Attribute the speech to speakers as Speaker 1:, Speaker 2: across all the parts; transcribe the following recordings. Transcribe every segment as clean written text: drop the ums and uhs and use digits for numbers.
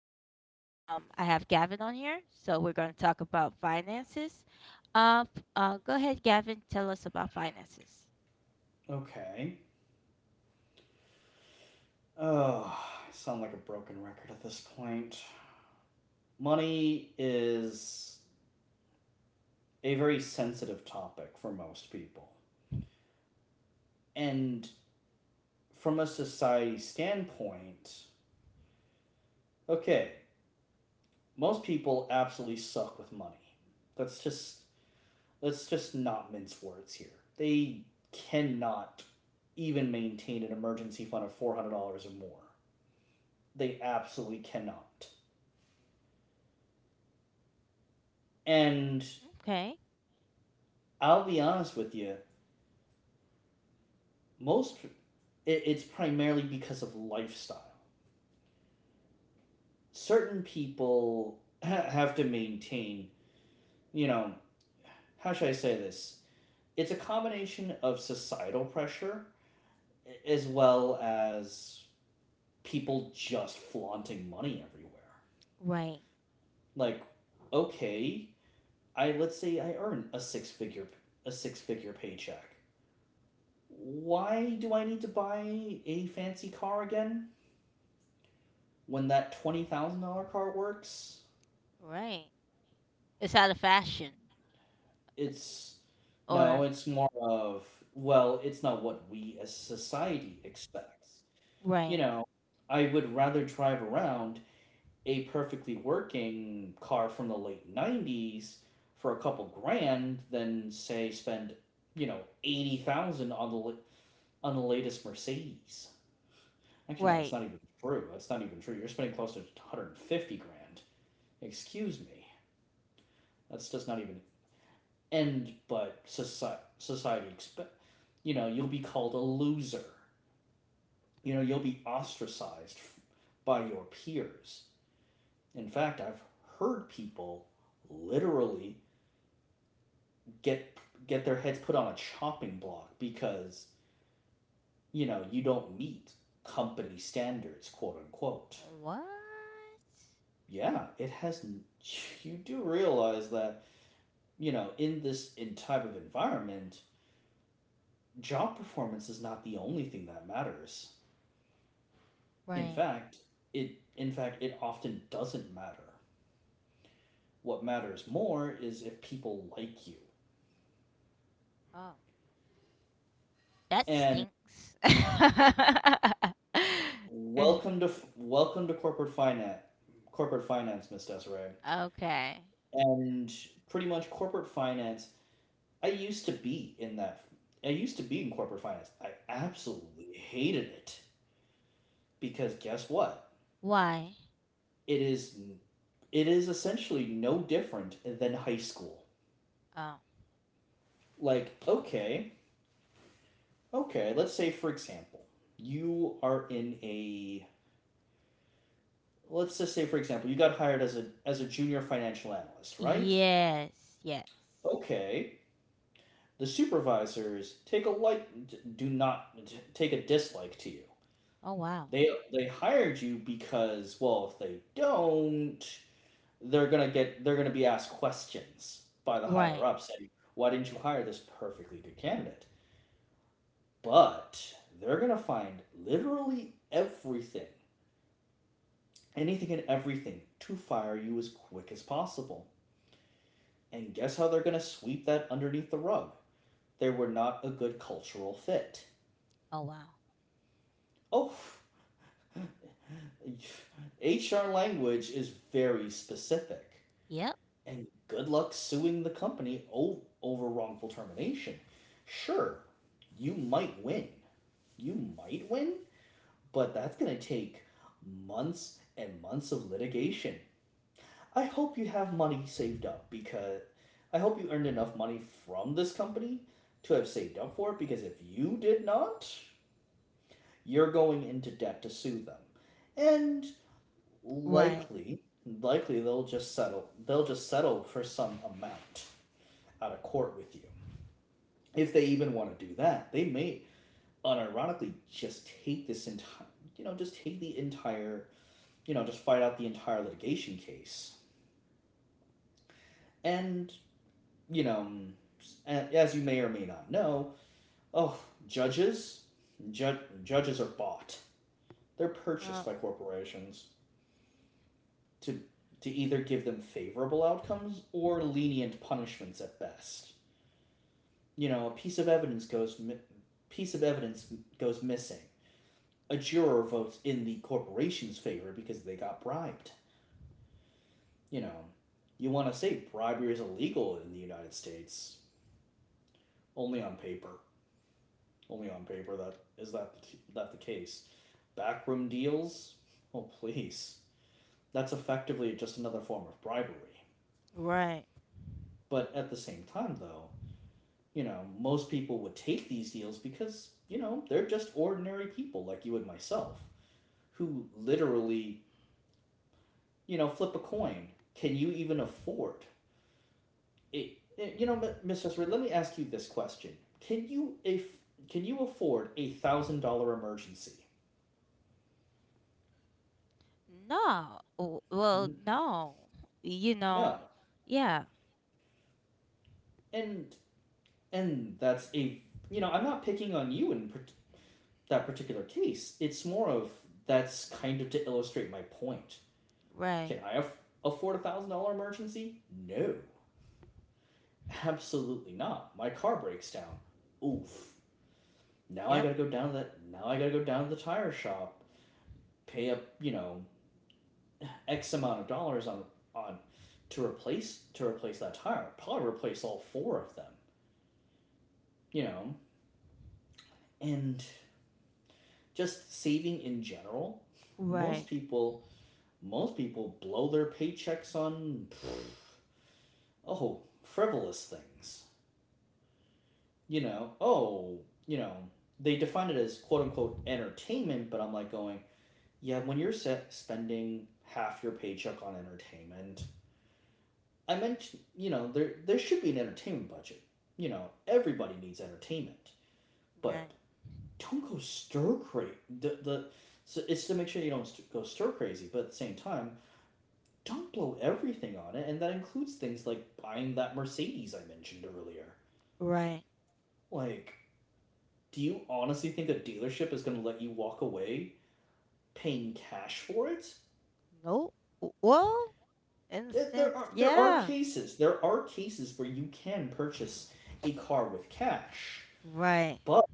Speaker 1: and I have Gavin on here. So we're going to talk about finances. Go ahead, Gavin. Tell us about finances.
Speaker 2: Okay. Oh, I sound like a broken record at this point. Money is a very sensitive topic for most people. And from a society standpoint, okay, most people absolutely suck with money. Let's just let's just not mince words here. They cannot even maintain an emergency fund of $400 or more. They absolutely cannot. And
Speaker 1: Okay.
Speaker 2: I'll be honest with you, most it's primarily because of lifestyle. Certain people have to maintain, you know, how should I say this? It's a combination of societal pressure as well as people just flaunting money everywhere.
Speaker 1: Right.
Speaker 2: Like, okay, I let's say I earn a six-figure paycheck. Why do I need to buy a fancy car again when that $20,000 car works?
Speaker 1: Right. It's out of fashion.
Speaker 2: It's No,
Speaker 1: Or
Speaker 2: it's more of, well, it's not what we as society expects. You
Speaker 1: right.
Speaker 2: know, I would rather drive around a perfectly working car from the late 90s for a couple grand than say spend, you know, 80,000 on on the latest Mercedes. Actually, no, that's
Speaker 1: Right.
Speaker 2: not even true. That's not even true. You're spending close to 150 grand. Excuse me. That's just not even and but society expect, you know, you'll be called a loser, you know, you'll be ostracized by your peers. In fact, I've heard people literally get get their heads put on a chopping block because, you know, you don't meet company standards, quote unquote.
Speaker 1: What?
Speaker 2: Yeah, it has. You do realize that, you know, in this in type of environment, job performance is not the only thing that matters. In
Speaker 1: Right.
Speaker 2: fact, it often doesn't matter. What matters more is if people like you.
Speaker 1: Oh, that
Speaker 2: And
Speaker 1: stinks.
Speaker 2: welcome to welcome to corporate finance, Miss Desiree.
Speaker 1: okay.
Speaker 2: And pretty much corporate finance. I used to be in that. I used to be in corporate finance. I absolutely hated it because guess what?
Speaker 1: Why?
Speaker 2: It is it is essentially no different than high school.
Speaker 1: Oh.
Speaker 2: Like, okay, Okay, let's say for example, you are in a let's just say for example, you got hired as a junior financial analyst, right?
Speaker 1: Yes. Yes.
Speaker 2: Okay. The supervisors take a like do not take a dislike to you.
Speaker 1: Oh wow.
Speaker 2: They they hired you because, well, if they don't, they're going to be asked questions by the higher
Speaker 1: Right.
Speaker 2: up saying, "Why didn't you hire this perfectly good candidate?" But they're going to find literally everything anything and everything to fire you as quick as possible. And guess how they're going to sweep that underneath the rug? They were not a good cultural fit.
Speaker 1: Oh wow.
Speaker 2: Oh, HR language is very specific.
Speaker 1: Yep.
Speaker 2: And good luck suing the company over wrongful termination. Sure, you might win. You might win, but that's going to take months and months of litigation. I hope you have money saved up because I hope you earned enough money from this company to have saved up for it, because if you did not, you're going into debt to sue them. And
Speaker 1: Right.
Speaker 2: likely, they'll just settle for some amount out of court with you. If they even want to do that, they may unironically just take the entire, you know, just fight out the entire litigation case. And, you know, as you may or may not know, oh, judges, judges are bought. They're purchased
Speaker 1: Uh,
Speaker 2: by corporations to either give them favorable outcomes or lenient punishments at best. You know, a piece of evidence goes piece of evidence goes missing. A juror votes in the corporation's favor because they got bribed. You know, you want to say bribery is illegal in the United States, only on paper. Only on paper, that is, that the case. Backroom deals? Oh, please. That's effectively just another form of bribery.
Speaker 1: right.
Speaker 2: But at the same time, though, you know, most people would take these deals because, you know, they're just ordinary people like you and myself who literally, you know, flip a coin. Can you even afford it? Eh, you know, M- Miss Esri, let me ask you this question: Can you if can you afford a $1,000 emergency?
Speaker 1: No. Well, no. You
Speaker 2: No,
Speaker 1: know. Yeah.
Speaker 2: and and that's a you know, I'm not picking on you in that particular case. It's more of, that's kind of to illustrate my point. Can
Speaker 1: Right.
Speaker 2: I aff- afford a $1,000 emergency? No, absolutely not. My car breaks down. Oof. Now I
Speaker 1: Yep.
Speaker 2: gotta go down to that. Now I gotta go down to the tire shop, pay up, you know, x amount of dollars on on to replace that tire. Probably replace all four of them. You know, and just saving in general. Most
Speaker 1: Right.
Speaker 2: people most people blow their paychecks on, oh, frivolous things. You know, oh, you know, they define it as quote unquote entertainment, but I'm like going, yeah, when you're set spending half your paycheck on entertainment, I mentioned, you know, there should be an entertainment budget. You know, everybody needs entertainment, but
Speaker 1: Right.
Speaker 2: don't go stir crazy. The so it's to make sure you don't go stir crazy, but at the same time, don't blow everything on it, and that includes things like buying that Mercedes I mentioned earlier.
Speaker 1: Right.
Speaker 2: Like, do you honestly think a dealership is going to let you walk away paying cash for it?
Speaker 1: Nope. Well, in a sense,
Speaker 2: There are
Speaker 1: yeah.
Speaker 2: cases. There are cases where you can purchase a car with cash,
Speaker 1: Right.
Speaker 2: but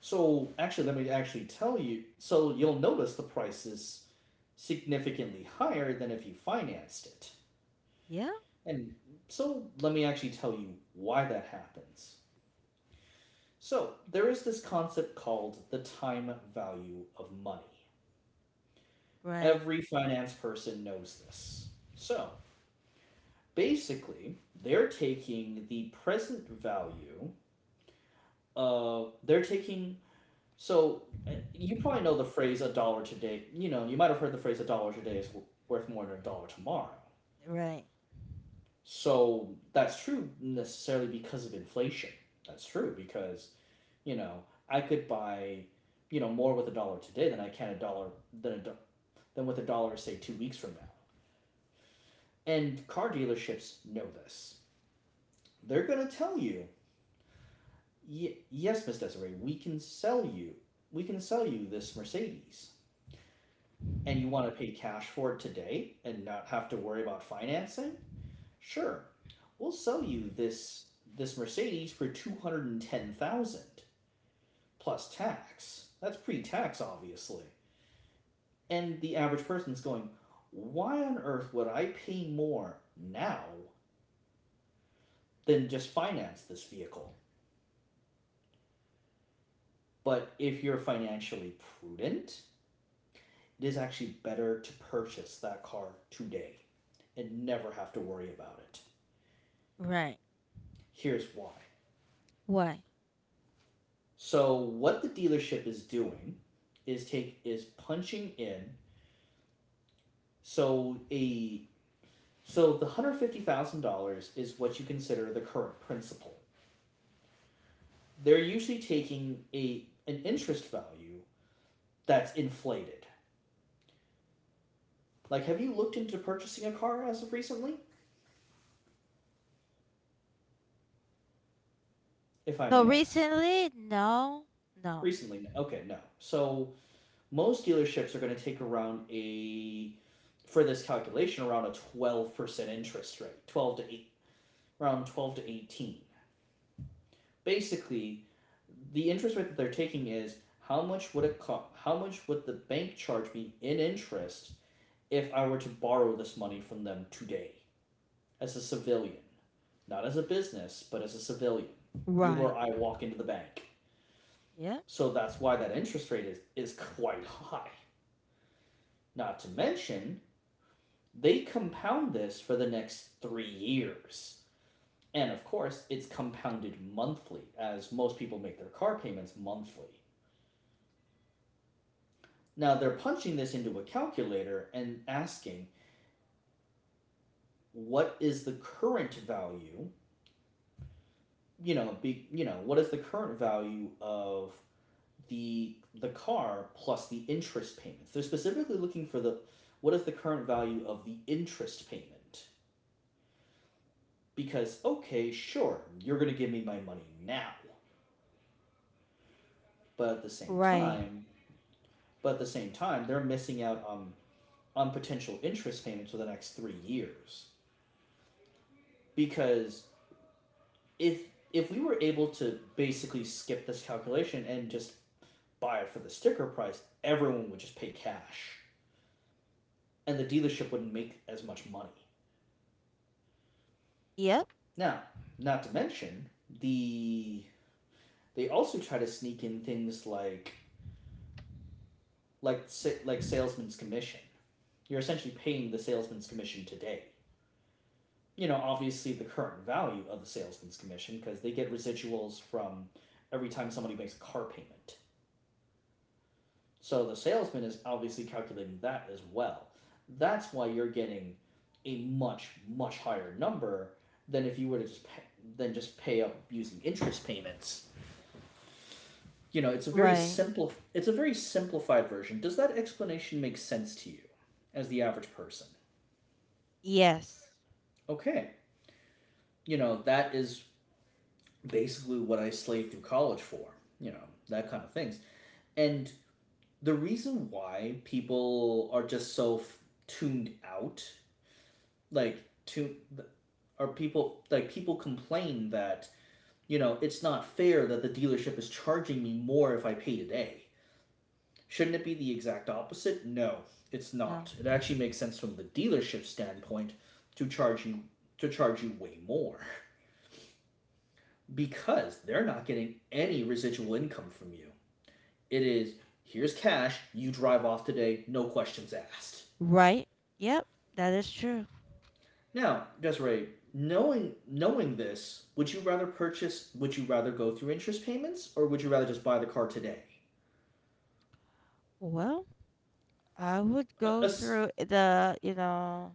Speaker 2: so actually let me actually tell you. So you'll notice the price is significantly higher than if you financed it.
Speaker 1: Yep.
Speaker 2: And so let me actually tell you why that happens. So there is this concept called the time value of money.
Speaker 1: Right.
Speaker 2: Every finance person knows this. So basically, they're taking the present value of, they're taking, so you probably know the phrase a dollar today, you know, you might have heard the phrase a dollar today is worth more than a dollar tomorrow.
Speaker 1: Right.
Speaker 2: So that's true necessarily because of inflation. That's true because, you know, I could buy, you know, more with a dollar today than I can a dollar than a than with a dollar say 2 weeks from now. And car dealerships know this. They're going to tell you, yes, Miss Desiree, we can sell you this Mercedes, and you want to pay cash for it today and not have to worry about financing. Sure, we'll sell you this Mercedes for $210,000 plus tax. That's pre-tax, obviously. And the average person's going, why on earth would I pay more now than just finance this vehicle? But if you're financially prudent, it is actually better to purchase that car today and never have to worry about it.
Speaker 1: Right.
Speaker 2: Here's why.
Speaker 1: Why?
Speaker 2: So what the dealership is doing is take is punching in, so a so the $150,000 is what you consider the current principal. They're usually taking a an interest value that's inflated. Like, have you looked into purchasing a car as of recently? If I
Speaker 1: So
Speaker 2: may ask.
Speaker 1: recently, no. No.
Speaker 2: Recently, okay, no. So most dealerships are going to take around a for this calculation around a 12% interest rate, 12 to 8 around 12 to 18. Basically the interest rate that they're taking is how much would it cost, how much would the bank charge me in interest if I were to borrow this money from them today as a civilian, not as a business but as a civilian, you
Speaker 1: Right.
Speaker 2: or I walk into the bank.
Speaker 1: Yep.
Speaker 2: So that's why that interest rate is quite high. Not to mention, they compound this for the next 3 years. And of course, it's compounded monthly, as most people make their car payments monthly. Now, they're punching this into a calculator and asking, what is the current value? You know, you know, what is the current value of the car plus the interest payments? They're specifically looking for the, what is the current value of the interest payment? Because okay, sure, you're going to give me my money now, but at the same
Speaker 1: Right.
Speaker 2: time, they're missing out on potential interest payments for the next 3 years, because if if we were able to basically skip this calculation and just buy it for the sticker price, everyone would just pay cash and the dealership wouldn't make as much money.
Speaker 1: Yep.
Speaker 2: Now, not to mention, the they also try to sneak in things like like salesman's commission. You're essentially paying the salesman's commission today, you know, obviously the current value of the salesman's commission, because they get residuals from every time somebody makes a car payment. So the salesman is obviously calculating that as well. That's why you're getting a much higher number than if you were to just pay, than just pay up using interest payments. You know, it's a very
Speaker 1: Right.
Speaker 2: simple it's a very simplified version. Does that explanation make sense to you as the average person?
Speaker 1: Yes.
Speaker 2: Okay. You know, that is basically what I slaved through college for, you know, that kind of things. And the reason why people are just so tuned out, like, to, are people, like, people complain that, you know, it's not fair that the dealership is charging me more if I pay today. Shouldn't it be the exact opposite? No, it's
Speaker 1: No.
Speaker 2: not. It actually makes sense from the dealership standpoint to charge you to charge you way more because they're not getting any residual income from you. It is here's cash, you drive off today, no questions asked.
Speaker 1: Right. Yep, that is true.
Speaker 2: Now, Desiree, knowing this, would you rather purchase? Would you rather go through interest payments, or would you rather just buy the car today?
Speaker 1: Well, I would
Speaker 2: Uh,
Speaker 1: go
Speaker 2: uh,
Speaker 1: through the, you know,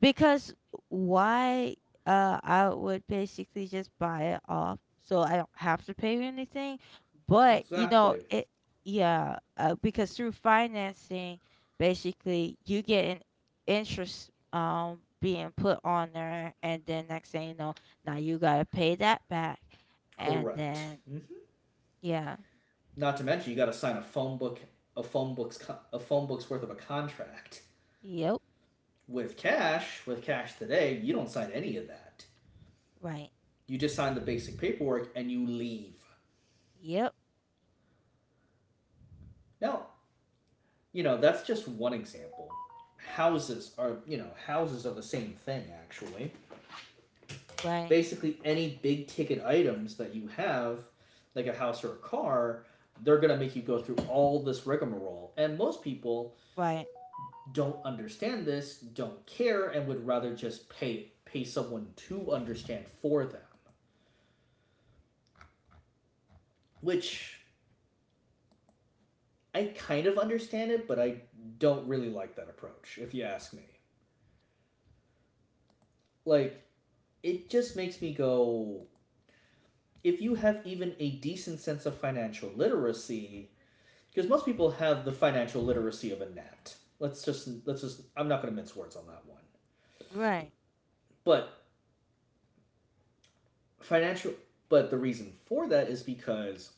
Speaker 1: because why I would basically just buy it off, so I don't have to pay anything, but you know,
Speaker 2: exactly.
Speaker 1: it yeah, because through financing basically you get an interest being put on there, and then next thing you know, now you got to pay that back, and
Speaker 2: Correct.
Speaker 1: then
Speaker 2: Mm-hmm.
Speaker 1: yeah.
Speaker 2: Not to mention, you got to sign a phone book, a phone book's a phone book's worth of a contract.
Speaker 1: Yep,
Speaker 2: With cash today, you don't sign any of that.
Speaker 1: right.
Speaker 2: You just sign the basic paperwork and you leave.
Speaker 1: Yep.
Speaker 2: Now, you know, that's just one example. Houses are, you know, houses are the same thing, actually.
Speaker 1: Right.
Speaker 2: Basically, any big ticket items that you have, like a house or a car, they're going to make you go through all this rigmarole. And most people
Speaker 1: Right.
Speaker 2: don't understand this, don't care, and would rather just pay someone to understand for them. Which I kind of understand it, but I don't really like that approach, if you ask me. Like, it just makes me go, if you have even a decent sense of financial literacy, because most people have the financial literacy of a gnat. Let's just I'm not going to mince words on that one.
Speaker 1: Right.
Speaker 2: But financial but the reason for that is because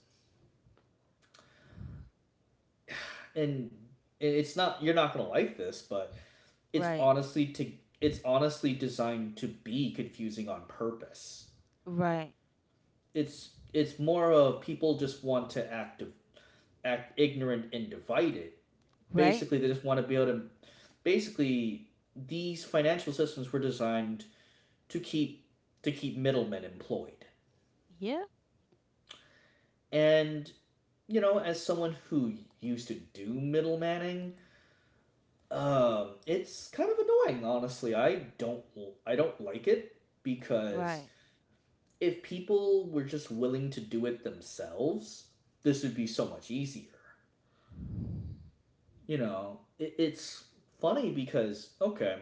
Speaker 2: and it's not you're not going to like this, but it's
Speaker 1: Right.
Speaker 2: honestly to it's honestly designed to be confusing on purpose.
Speaker 1: Right.
Speaker 2: It's more of people just want to act ignorant and divided.
Speaker 1: Right.
Speaker 2: Basically, they just want to be able to basically these financial systems were designed to keep to keep middlemen employed.
Speaker 1: Yeah.
Speaker 2: And you know, as someone who used to do middlemaning, it's kind of annoying. Honestly, I don't like it because
Speaker 1: Right.
Speaker 2: if people were just willing to do it themselves, this would be so much easier. You know, it's funny because okay,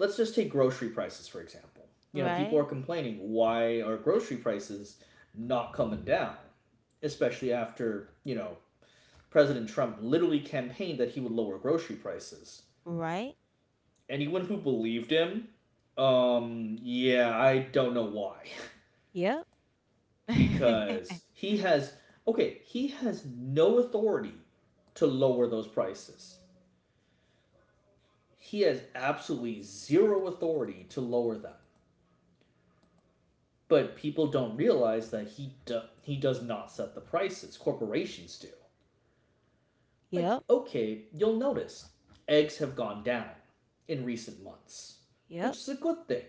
Speaker 2: let's just take grocery prices for example. You know, people are
Speaker 1: Right.
Speaker 2: complaining why are grocery prices not coming down, especially after you know President Trump literally campaigned that he would lower grocery prices.
Speaker 1: Right.
Speaker 2: Anyone who believed him, yeah, I don't know why,
Speaker 1: Yep.
Speaker 2: because he has okay, he has no authority to lower those prices. He has absolutely zero authority to lower them. But people don't realize that he does not set the prices. Corporations do. Like,
Speaker 1: yep.
Speaker 2: okay, you'll notice eggs have gone down in recent months, which
Speaker 1: Yep.
Speaker 2: is a good thing.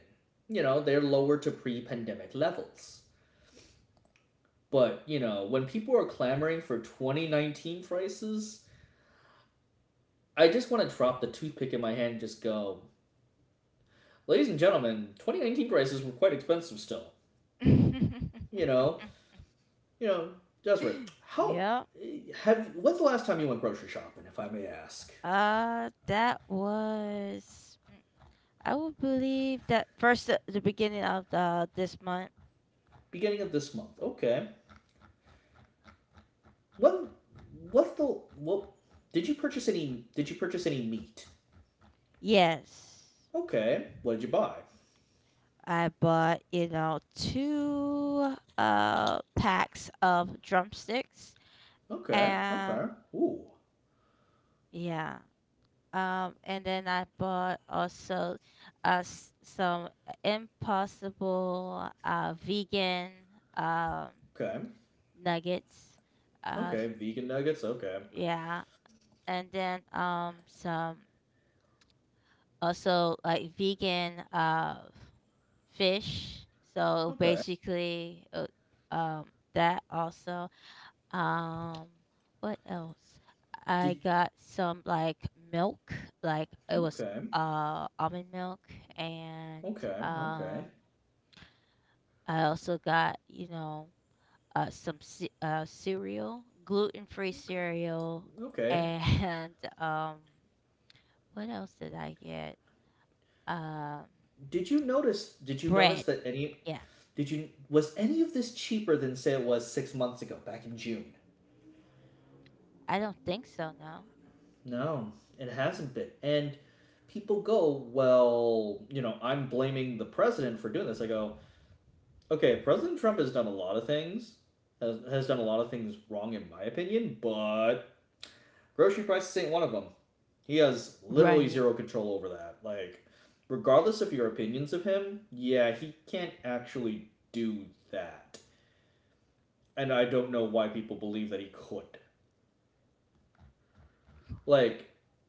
Speaker 2: You know, they're lower to pre-pandemic levels. But, you know, when people are clamoring for 2019 prices, I just want to drop the toothpick in my hand and just go, ladies and gentlemen, 2019 prices were quite expensive still. You know, You know, Desiree, how
Speaker 1: yep.
Speaker 2: when's the last time you went grocery shopping, if I may ask?
Speaker 1: Uh, that was. mm, I would believe that first the beginning of the this month.
Speaker 2: Beginning of this month. Okay. When what's the what did you purchase any did you purchase any meat?
Speaker 1: Yes,
Speaker 2: Okay. What did you buy?
Speaker 1: I bought you know two packs of drumsticks
Speaker 2: Okay.
Speaker 1: and
Speaker 2: Okay. Ooh.
Speaker 1: yeah and then I bought also some impossible vegan um,
Speaker 2: Okay.
Speaker 1: nuggets. Uh,
Speaker 2: Okay. Vegan nuggets. Okay.
Speaker 1: yeah. And then some also like vegan fish. So
Speaker 2: Okay.
Speaker 1: basically, um, that also. Um, what else? I
Speaker 2: Did
Speaker 1: got some like milk, like it was
Speaker 2: okay.
Speaker 1: almond milk, and
Speaker 2: Okay. Okay.
Speaker 1: um, I also got you know some cereal, gluten free
Speaker 2: Okay.
Speaker 1: cereal,
Speaker 2: Okay.
Speaker 1: and what else did I get? Um,
Speaker 2: Did you notice
Speaker 1: bread.
Speaker 2: that any
Speaker 1: Yeah,
Speaker 2: did you was any of this cheaper than say it was 6 months ago back in June?
Speaker 1: I don't think so. No.
Speaker 2: No, it hasn't been. And people go, well, you know, I'm blaming the president for doing this. I go, okay, President Trump has done a lot of things, has done a lot of things wrong, in my opinion, but grocery prices ain't one of them. He has literally
Speaker 1: Right.
Speaker 2: zero control over that. Like, regardless of your opinions of him, yeah, he can't actually do that. And I don't know why people believe that he could. Like,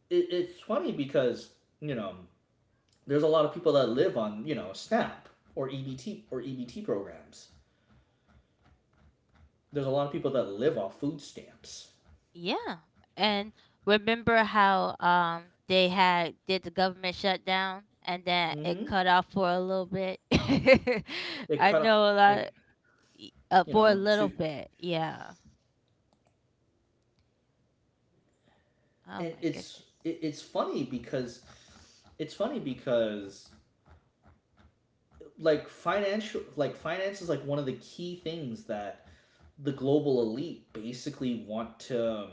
Speaker 2: it's funny because, you know, there's a lot of people that live on you know SNAP or EBT or EBT programs. There's a lot of people that live off food stamps.
Speaker 1: Yeah. And remember how they had did the government shutdown and then it
Speaker 2: Mm-hmm.
Speaker 1: cut off for a little bit.
Speaker 2: It
Speaker 1: I
Speaker 2: kind of
Speaker 1: know a lot
Speaker 2: it you
Speaker 1: for a
Speaker 2: know
Speaker 1: little
Speaker 2: to
Speaker 1: bit. Yeah. Oh
Speaker 2: and
Speaker 1: my
Speaker 2: it's
Speaker 1: goodness.
Speaker 2: it, it's funny because it's funny because like financial like finance is like one of the key things that the global elite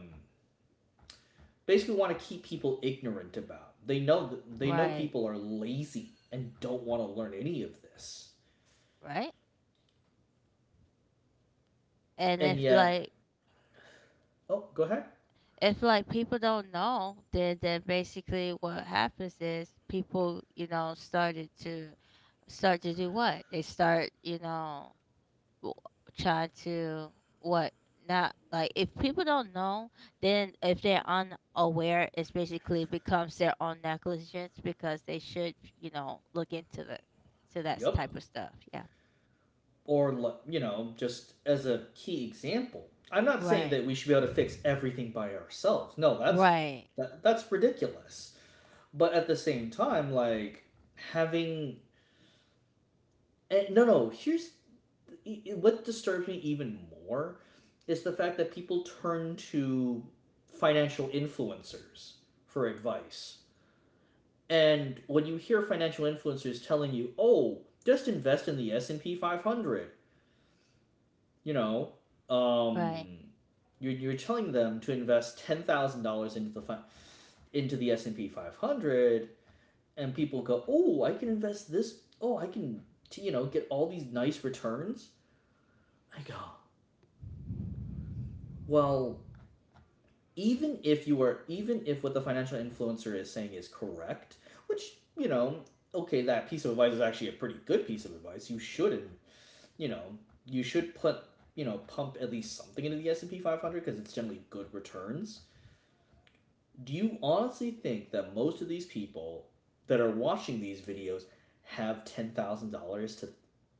Speaker 2: basically want to keep people ignorant about. They know
Speaker 1: Right.
Speaker 2: people are lazy and don't want to learn any of this.
Speaker 1: Right? And
Speaker 2: And yet Oh, go ahead.
Speaker 1: if like people don't know, then basically what happens is people, you know, start to do what? They start, you know, w- try to what not like if people don't know then if they're unaware it's basically becomes their own negligence because they should you know look into the to that
Speaker 2: Yep.
Speaker 1: type of stuff yeah.
Speaker 2: Or, you know, just as a key example. I'm not saying
Speaker 1: Right.
Speaker 2: that we should be able to fix everything by ourselves. No, that's
Speaker 1: Right.
Speaker 2: that's ridiculous. But at the same time, like having no, no. Here's what disturbs me even more is the fact that people turn to financial influencers for advice. And when you hear financial influencers telling you, "Oh, just invest in the S&P 500 you know,
Speaker 1: Right.
Speaker 2: um, you're telling them to invest $10,000 into the S and P 500, and people go, oh, I can invest this. Oh, I can you know get all these nice returns. I go, well, even if you are, even if what the financial influencer is saying is correct, which you know, okay, that piece of advice is actually a pretty good piece of advice. You shouldn't, you know, you should put you know pump at least something into the S&P 500 because it's generally good returns. Do you honestly think that most of these people that are watching these videos have $10,000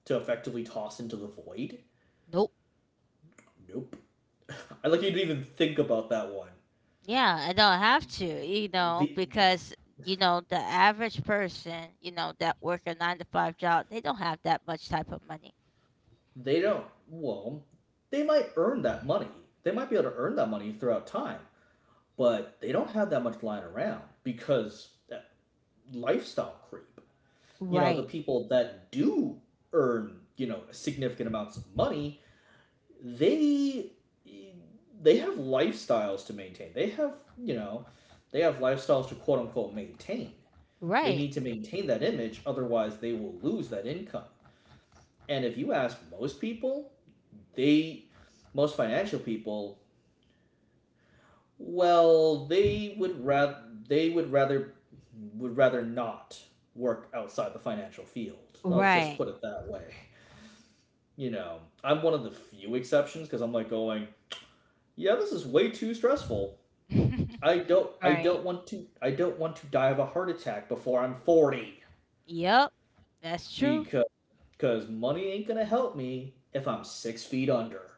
Speaker 2: to effectively toss into the void?
Speaker 1: Nope.
Speaker 2: Nope. I like you to even think about that one.
Speaker 1: Yeah, I don't have to, you know,
Speaker 2: The
Speaker 1: because you know the average person, you know, that work a nine to five job, they don't have that much type of money.
Speaker 2: they don't well, they might earn that money. They might be able to earn that money throughout time, but they don't have that much lying around because lifestyle creep. You know, the
Speaker 1: Right.
Speaker 2: people that do earn, you know, significant amounts of money, they they have lifestyles to maintain. They have you know they have lifestyles to quote unquote maintain. They
Speaker 1: Right.
Speaker 2: need to maintain that image, otherwise they will lose that income. And if you ask most people, they most financial people, well, they would rather not work outside the financial field. I'll just
Speaker 1: Right.
Speaker 2: put it that way. You know, I'm one of the few exceptions because I'm like going, yeah, this is way too stressful. I don't I
Speaker 1: Right.
Speaker 2: don't want to I don't want to die of a heart attack before I'm 40
Speaker 1: Yep, that's true.
Speaker 2: because money ain't gonna help me if I'm 6 feet under.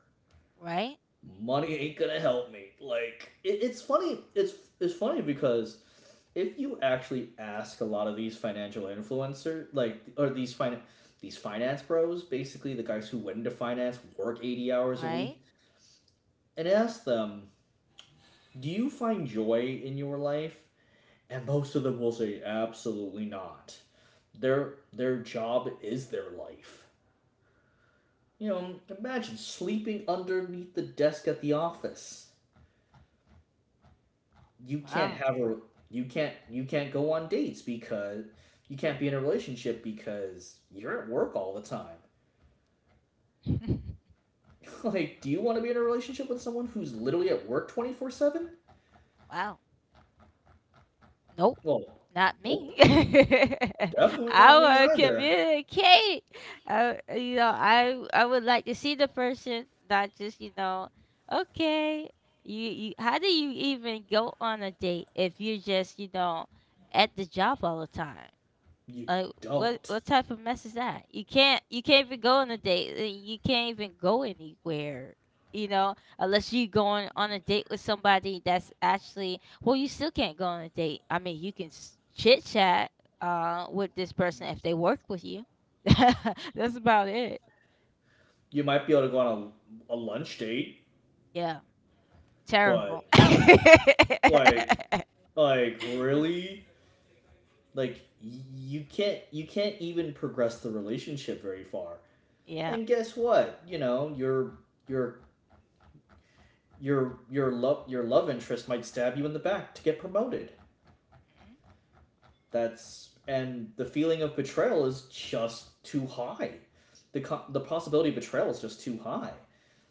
Speaker 1: Right,
Speaker 2: Money ain't gonna help me. Like it's funny it's funny because if you actually ask a lot of these financial influencer these finance bros basically the guys who went into finance work 80 hours a
Speaker 1: right.
Speaker 2: week and ask them do you find joy in your life and most of them will say absolutely not. Their job is their life. You know, imagine sleeping underneath the desk at the office. You can't
Speaker 1: Wow,
Speaker 2: have a you can't go on dates because you can't be in a relationship because you're at work all the time. like, do you want to be in a relationship with someone who's literally at work 24/7?
Speaker 1: wow. Nope,
Speaker 2: Well,
Speaker 1: not
Speaker 2: nope.
Speaker 1: me. I
Speaker 2: Definitely not me
Speaker 1: want to
Speaker 2: either.
Speaker 1: communicate. I, you know, I would like to see the person, not just you know. Okay, you. How do you even go on a date if you're just you know at the job all the time?
Speaker 2: You
Speaker 1: Like
Speaker 2: don't.
Speaker 1: what type of mess is that? You can't even go on a date. You can't even go anywhere. You know, unless you going on a date with somebody that's actually well, you still can't go on a date. I mean, you can chit chat with this person if they work with you. that's about it.
Speaker 2: You might be able to go on a lunch date,
Speaker 1: Yeah, terrible.
Speaker 2: but like like really like you can't even progress the relationship very far
Speaker 1: yeah.
Speaker 2: and guess what you know your your love interest might stab you in the back to get promoted
Speaker 1: Mhm.
Speaker 2: that's and the feeling of betrayal is just too high the possibility of betrayal is just too high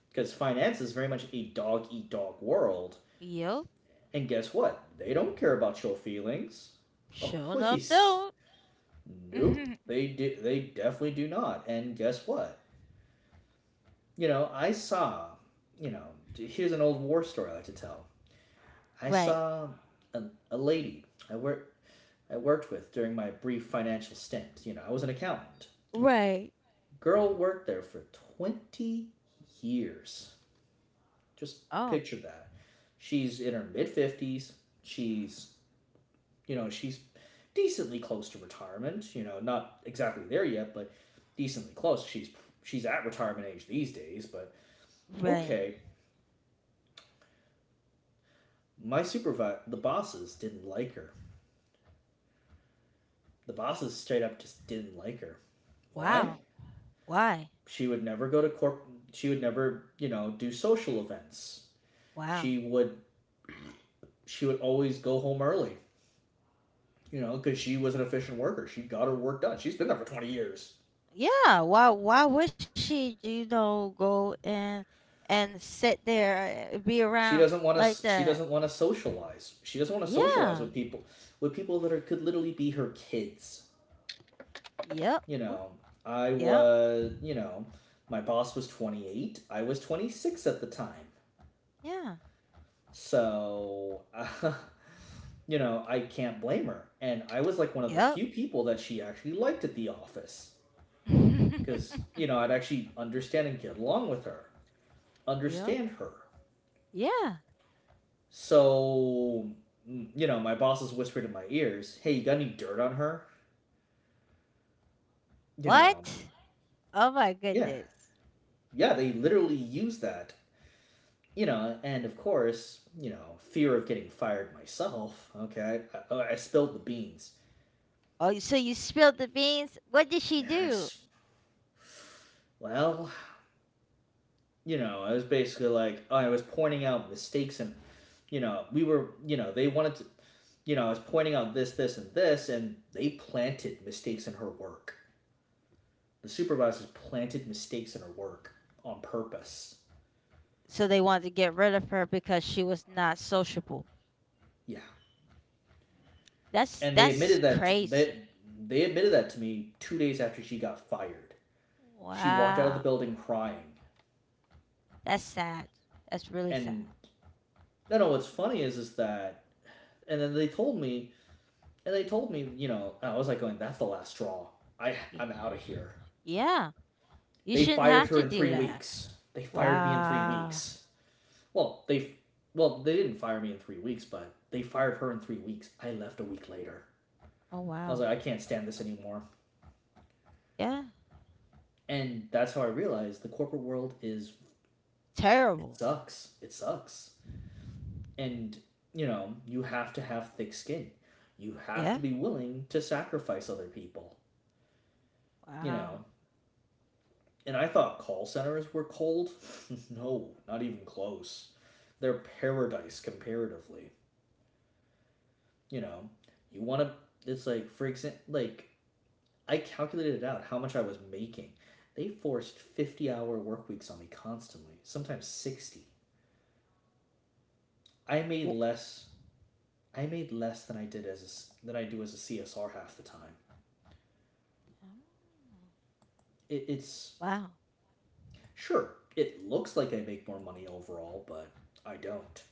Speaker 2: because finance is very much a dog eat dog world
Speaker 1: Yep.
Speaker 2: and guess what they don't care about your feelings oh
Speaker 1: Showing up
Speaker 2: please.
Speaker 1: though.
Speaker 2: Nope. They do, they definitely do not. And guess what? You know, I saw, you know, here's an old war story I like to tell. I
Speaker 1: right.
Speaker 2: saw a, a lady I worked with during my brief financial stint. You know, I was an accountant.
Speaker 1: Right.
Speaker 2: Girl worked there for 20 years. Just
Speaker 1: Oh,
Speaker 2: picture that. She's in her mid 50s. She's you know, she's decently close to retirement. You know, not exactly there yet, but decently close. She's at retirement age these days. But
Speaker 1: right.
Speaker 2: okay, my supervisor, the bosses didn't like her. The bosses straight up just didn't like her. Why?
Speaker 1: Wow. Why?
Speaker 2: She would never go to corp. She would never, you know, do social events. She
Speaker 1: Wow.
Speaker 2: would always go home early. You know, because she was an efficient worker. She got her work done. She's been there for 20 years.
Speaker 1: Yeah. Why? Why would she, you know, go and sit there, be around
Speaker 2: She doesn't want
Speaker 1: like
Speaker 2: to. She
Speaker 1: that?
Speaker 2: doesn't want to socialize. She doesn't want to
Speaker 1: Yeah.
Speaker 2: socialize with people that are could literally be her kids.
Speaker 1: Yep.
Speaker 2: You
Speaker 1: Oop,
Speaker 2: know, I
Speaker 1: yep.
Speaker 2: was. You know, my boss was 28. I was 26 at the time.
Speaker 1: Yeah.
Speaker 2: So, you know, I can't blame her. And I was like one of the
Speaker 1: Yep.
Speaker 2: few people that she actually liked at the office because, you know, I'd actually understand and get along with her,
Speaker 1: Yep.
Speaker 2: understand her.
Speaker 1: Yeah.
Speaker 2: So, you know, my bosses whispered in my ears, "Hey, you got any dirt on her?" you know
Speaker 1: What? Oh my
Speaker 2: yeah,
Speaker 1: goodness.
Speaker 2: yeah, they literally use that. And of course, you know, fear of getting fired myself, okay, I spilled the beans.
Speaker 1: Oh, you- so you spilled the beans? What did she do?
Speaker 2: Yes. Well, you know, I was basically, like, I was pointing out mistakes, and, you know we were you know they wanted to. I was pointing out this, this, and this, and they planted mistakes in her work. The supervisors planted mistakes in her work on purpose.
Speaker 1: So they wanted to get rid of her because she was not sociable.
Speaker 2: Yeah, and they
Speaker 1: That's
Speaker 2: admitted that that
Speaker 1: crazy.
Speaker 2: they admitted that to me 2 days after she got fired. She walked out of the
Speaker 1: Wow.
Speaker 2: building crying.
Speaker 1: That's sad. That's really
Speaker 2: And
Speaker 1: sad.
Speaker 2: No, no. What's funny is that, and then they told me, you know, I was like going, that's the last straw. I
Speaker 1: Y-
Speaker 2: I'm out of here.
Speaker 1: Yeah. You
Speaker 2: They
Speaker 1: shouldn't
Speaker 2: fired
Speaker 1: have
Speaker 2: her
Speaker 1: to
Speaker 2: in
Speaker 1: do
Speaker 2: three
Speaker 1: that.
Speaker 2: weeks. They fired me in three
Speaker 1: Wow.
Speaker 2: weeks. Well, they didn't fire me in 3 weeks, but they fired her in 3 weeks. I left a week later.
Speaker 1: Oh,
Speaker 2: I was like,
Speaker 1: wow.
Speaker 2: I can't stand this anymore.
Speaker 1: Yeah.
Speaker 2: And that's how I realized the corporate world is. It
Speaker 1: Terrible.
Speaker 2: sucks. It sucks. And, you know, you have to have thick skin. You have
Speaker 1: Yeah.
Speaker 2: to be willing to sacrifice other people, you
Speaker 1: Wow.
Speaker 2: know. And I thought call centers were cold. No, not even close. They're paradise comparatively, you know. You want to, it's like, for example, like, I calculated out how much I was making. They forced 50-hour work weeks on me constantly, sometimes 60. I made
Speaker 1: Wh-
Speaker 2: less I made less than I did as a s than I do as a CSR half the time.
Speaker 1: Oh,
Speaker 2: It's
Speaker 1: wow.
Speaker 2: sure it looks like I make more money overall, but I don't.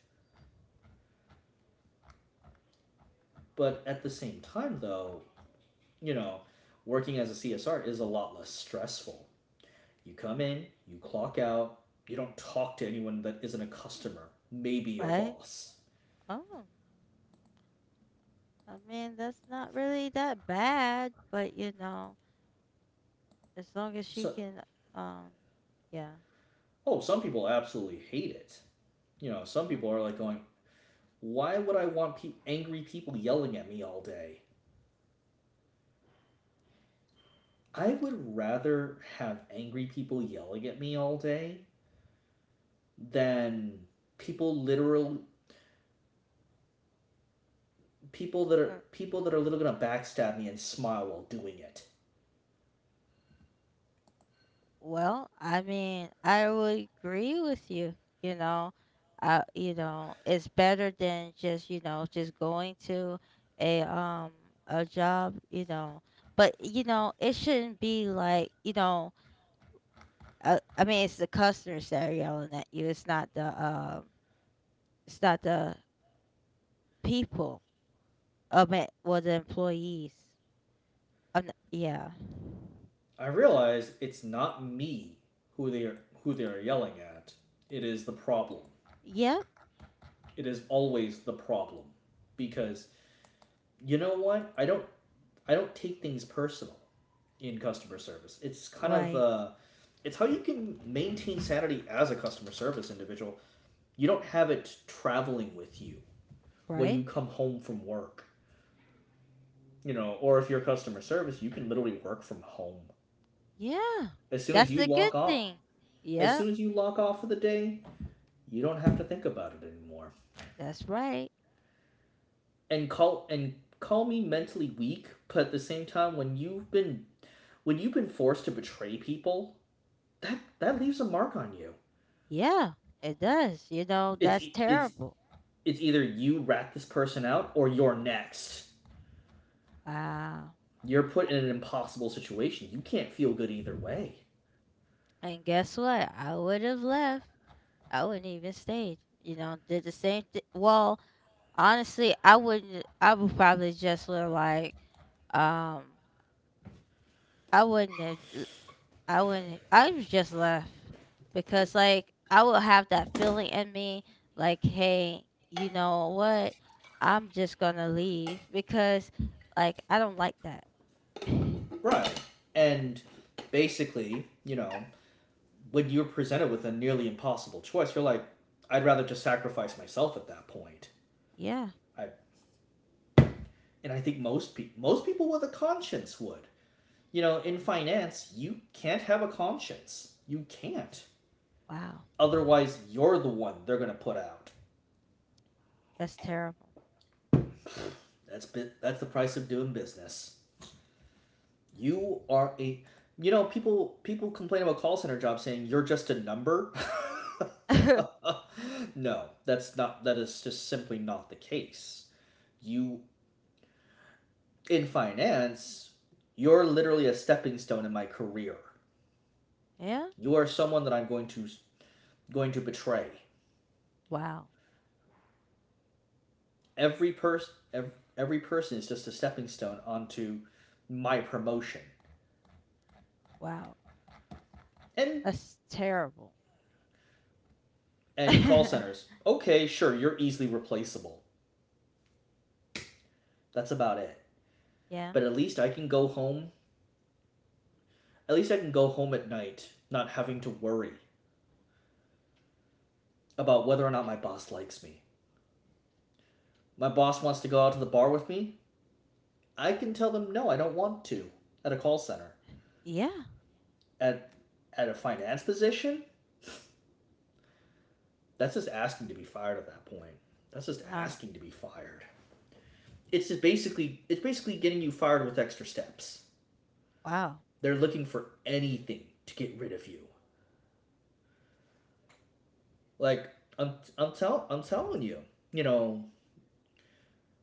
Speaker 2: But at the same time, though, you know, working as a CSR is a lot less stressful. You come in, you clock out, you don't talk to anyone that isn't a customer, maybe your
Speaker 1: Right?
Speaker 2: boss.
Speaker 1: Oh. I mean, that's not really that bad, but you know, as long as you
Speaker 2: So,
Speaker 1: can, um, yeah.
Speaker 2: oh, some people absolutely hate it. You know, some people are like going, why would I want angry people yelling at me all day? I would rather have angry people yelling at me all day than people literal
Speaker 1: Oh.
Speaker 2: people that are literally gonna backstab me and smile while doing it.
Speaker 1: Well, I mean, I would agree with you. You know, you know, it's better than just you know just going to a um a job. You know, but you know it shouldn't be like you know. I mean, it's the customers that are yelling at you. It's not the people. I mean, well, the employees. Yeah.
Speaker 2: I realize it's not me who they are who they are yelling at. It is the problem.
Speaker 1: Yep.
Speaker 2: It is always the problem because you know what? I don't take things personal in customer service. It's kind of
Speaker 1: Right.
Speaker 2: it's how you can maintain sanity as a customer service individual. You don't have it traveling with you when you
Speaker 1: Right.
Speaker 2: come home from work, you know, or if you're customer service, you can literally work from home.
Speaker 1: Yeah.
Speaker 2: as soon
Speaker 1: That's
Speaker 2: as you
Speaker 1: the good
Speaker 2: log off
Speaker 1: thing.
Speaker 2: as
Speaker 1: Yeah.
Speaker 2: soon as you log off for the day, you don't have to think about it anymore.
Speaker 1: That's right.
Speaker 2: And call me mentally weak, but at the same time, when you've been forced to betray people, that leaves a mark on you.
Speaker 1: Yeah, it does. You know,
Speaker 2: it's
Speaker 1: that's
Speaker 2: e- it's
Speaker 1: terrible.
Speaker 2: it's either you rat this person out or you're next.
Speaker 1: Wow.
Speaker 2: You're put in an impossible situation, you can't feel good either way.
Speaker 1: And guess what? I would have left. I wouldn't even stayed. You know, did the same thing. Well, honestly, I wouldn't. I would probably just look like, um, I wouldn't have. I wouldn't. I was just left because, like, I would have that feeling in me, like, hey, you know what? I'm just gonna leave because, like, I don't like that.
Speaker 2: Right. And basically, you know, when you're presented with a nearly impossible choice, you're like, I'd rather just sacrifice myself at that point.
Speaker 1: Yeah.
Speaker 2: I and I think most people with a conscience would. You know, in finance, you can't have a conscience. You can't.
Speaker 1: Wow.
Speaker 2: Otherwise, you're the one they're gonna put out.
Speaker 1: That's terrible.
Speaker 2: That's has that's the price of doing business. You are a you know people people complain about call center jobs, saying you're just a number.
Speaker 1: Mm.
Speaker 2: No, that is just simply not the case. You in finance, you're literally a stepping stone in my career.
Speaker 1: yeah.
Speaker 2: You are someone that I'm going to betray.
Speaker 1: Wow.
Speaker 2: Every person every, every person is just a stepping stone onto my promotion.
Speaker 1: Wow.
Speaker 2: and
Speaker 1: That's terrible.
Speaker 2: and call centers, okay, sure, you're easily replaceable. That's about it.
Speaker 1: yeah.
Speaker 2: But at least I can go home. At least I can go home at night, not having to worry about whether or not my boss likes me. My boss wants to go out to the bar with me. I can tell them no, I don't want to, at a call center.
Speaker 1: Yeah.
Speaker 2: At at a finance position, that's just asking to be fired at that point. That's just
Speaker 1: Wow.
Speaker 2: asking to be fired. It's basically getting you fired with extra steps.
Speaker 1: Wow.
Speaker 2: They're looking for anything to get rid of you. Like, I'm telling you, you know,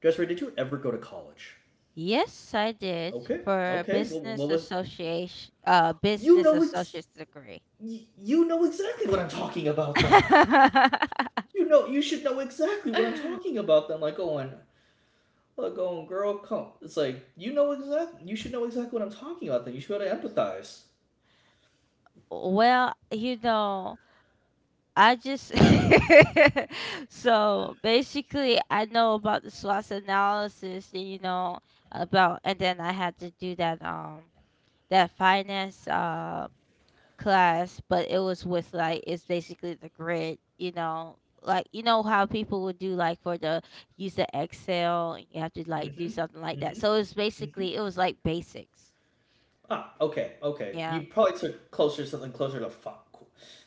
Speaker 2: Jessica, did you ever go to college?
Speaker 1: Yes, I did,
Speaker 2: Okay.
Speaker 1: for a
Speaker 2: Okay. What, what was? You
Speaker 1: business
Speaker 2: know ex-
Speaker 1: associate's degree.
Speaker 2: You know exactly what I'm talking about. Then, you know, you should know exactly what I'm talking about. Then, like going, look, going, girl, come. It's like you know exactly. You should know exactly what I'm talking about. Then you should be able to empathize.
Speaker 1: Well, you know, I just so basically I know about the SWOT analysis, you know, about, and then I had to do that that finance class, but it was with like it's basically the grid, you know. Like you know how people would do like for the use the Excel and you have to like
Speaker 2: Mm-hmm.
Speaker 1: do something like that.
Speaker 2: Mm-hmm.
Speaker 1: So it's
Speaker 2: Mm-hmm.
Speaker 1: basically it was like basics.
Speaker 2: Ah. Okay. Okay.
Speaker 1: Yeah.
Speaker 2: You probably took closer something closer to fi-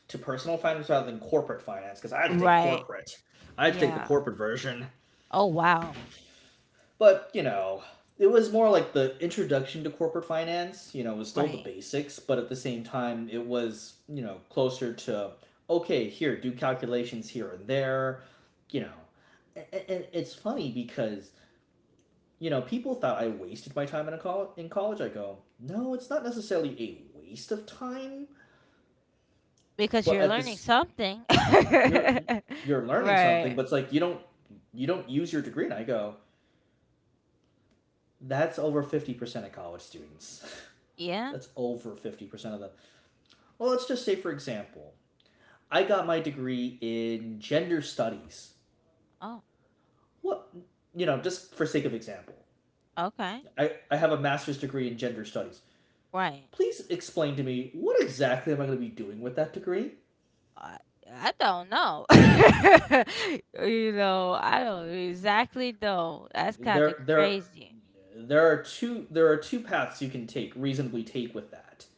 Speaker 2: to personal finance rather than corporate finance because I had to take
Speaker 1: Right.
Speaker 2: corporate. I had to take the
Speaker 1: Yeah.
Speaker 2: corporate version.
Speaker 1: Oh wow.
Speaker 2: But, you know, it was more like the introduction to corporate finance, you know, it was still the
Speaker 1: Right.
Speaker 2: basics, but at the same time, it was, you know, closer to, okay, here, do calculations here and there, you know. And it's funny because, you know, people thought I wasted my time in, in college. I go, no, it's not necessarily a waste of time,
Speaker 1: Because
Speaker 2: but
Speaker 1: you're
Speaker 2: at
Speaker 1: learning
Speaker 2: this,
Speaker 1: something.
Speaker 2: you're you're learning something,
Speaker 1: right.
Speaker 2: but it's like you don't use your degree. And I go, that's over 50% of college students.
Speaker 1: Yeah.
Speaker 2: That's over 50% of them. Well, let's just say, for example, I got my degree in gender studies.
Speaker 1: Oh,
Speaker 2: What, you know, just for sake of example,
Speaker 1: okay.
Speaker 2: I have a master's degree in gender studies.
Speaker 1: Right.
Speaker 2: Please explain to me what exactly am I going to be doing with that degree?
Speaker 1: I I don't know. You know, I don't exactly know. That's kind of
Speaker 2: There, there,
Speaker 1: crazy,
Speaker 2: there are two paths you can take reasonably take with that.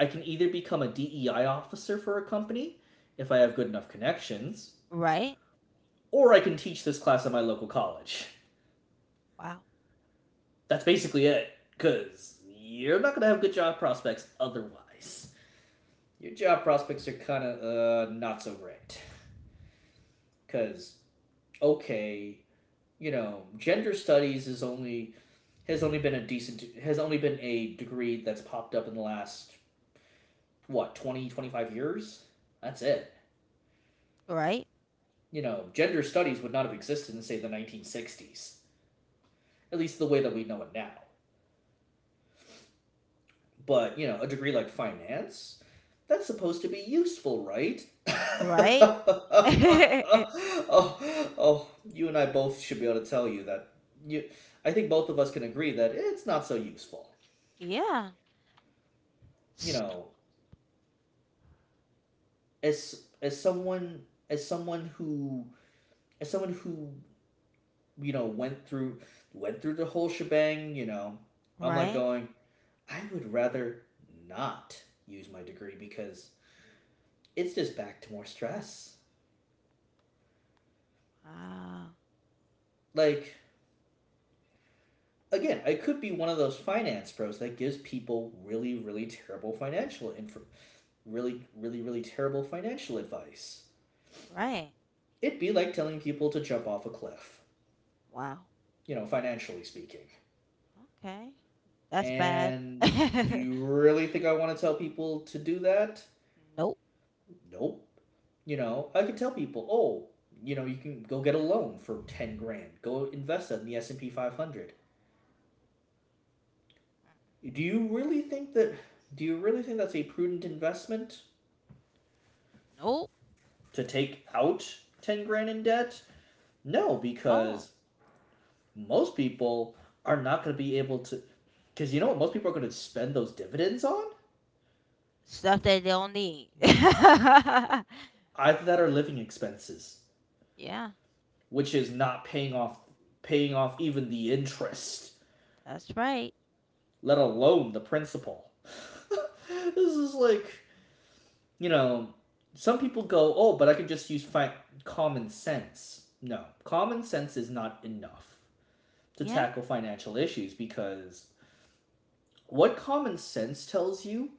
Speaker 2: I can either become a DEI officer for a company if I have good enough connections,
Speaker 1: right?
Speaker 2: or I can teach this class at my local college.
Speaker 1: Wow.
Speaker 2: That's basically it, because you're not going to have good job prospects otherwise. Your job prospects are kind of not so great, because, okay, you know, gender studies is only has only been a degree that's popped up in the last, what, 20-25 years. That's it.
Speaker 1: Right?
Speaker 2: You know, gender studies would not have existed in, say, the 1960s, at least the way that we know it now. But, you know, a degree like finance, that's supposed to be useful, right?
Speaker 1: Right?
Speaker 2: Oh, oh, you and I both should be able to tell you that you I think both of us can agree that it's not so useful.
Speaker 1: Yeah.
Speaker 2: You
Speaker 1: Stop.
Speaker 2: know, as someone who, you know, went through the whole shebang, you know, I'm like
Speaker 1: Right?
Speaker 2: going, I would rather not use my degree because it's just back to more stress.
Speaker 1: Wow.
Speaker 2: Like, again, I could be one of those finance pros that gives people really, really terrible financial info, really, really, really terrible financial advice.
Speaker 1: Right.
Speaker 2: It'd be like telling people to jump off a cliff,
Speaker 1: Wow.
Speaker 2: you know, financially speaking.
Speaker 1: Okay. That's bad.
Speaker 2: And do you really think I want to tell people to do that?
Speaker 1: Nope.
Speaker 2: Nope. You know, I could tell people, oh, you know, you can go get a loan for 10 grand. Go invest that in the S&P 500. Do you really think that? Do you really think that's a prudent investment,
Speaker 1: Nope.
Speaker 2: to take out 10 grand in debt? No,
Speaker 1: Oh,
Speaker 2: because most people are not going to be able to. Because you know what most people are going to spend those dividends on?
Speaker 1: stuff they don't need.
Speaker 2: Either that or living expenses,
Speaker 1: Yeah,
Speaker 2: which is not paying off even the interest,
Speaker 1: that's right.
Speaker 2: let alone the principal. This is like, you know, some people go, "Oh, but I could just use common sense." No, common sense is not enough to
Speaker 1: Yeah.
Speaker 2: tackle financial issues because what common sense tells you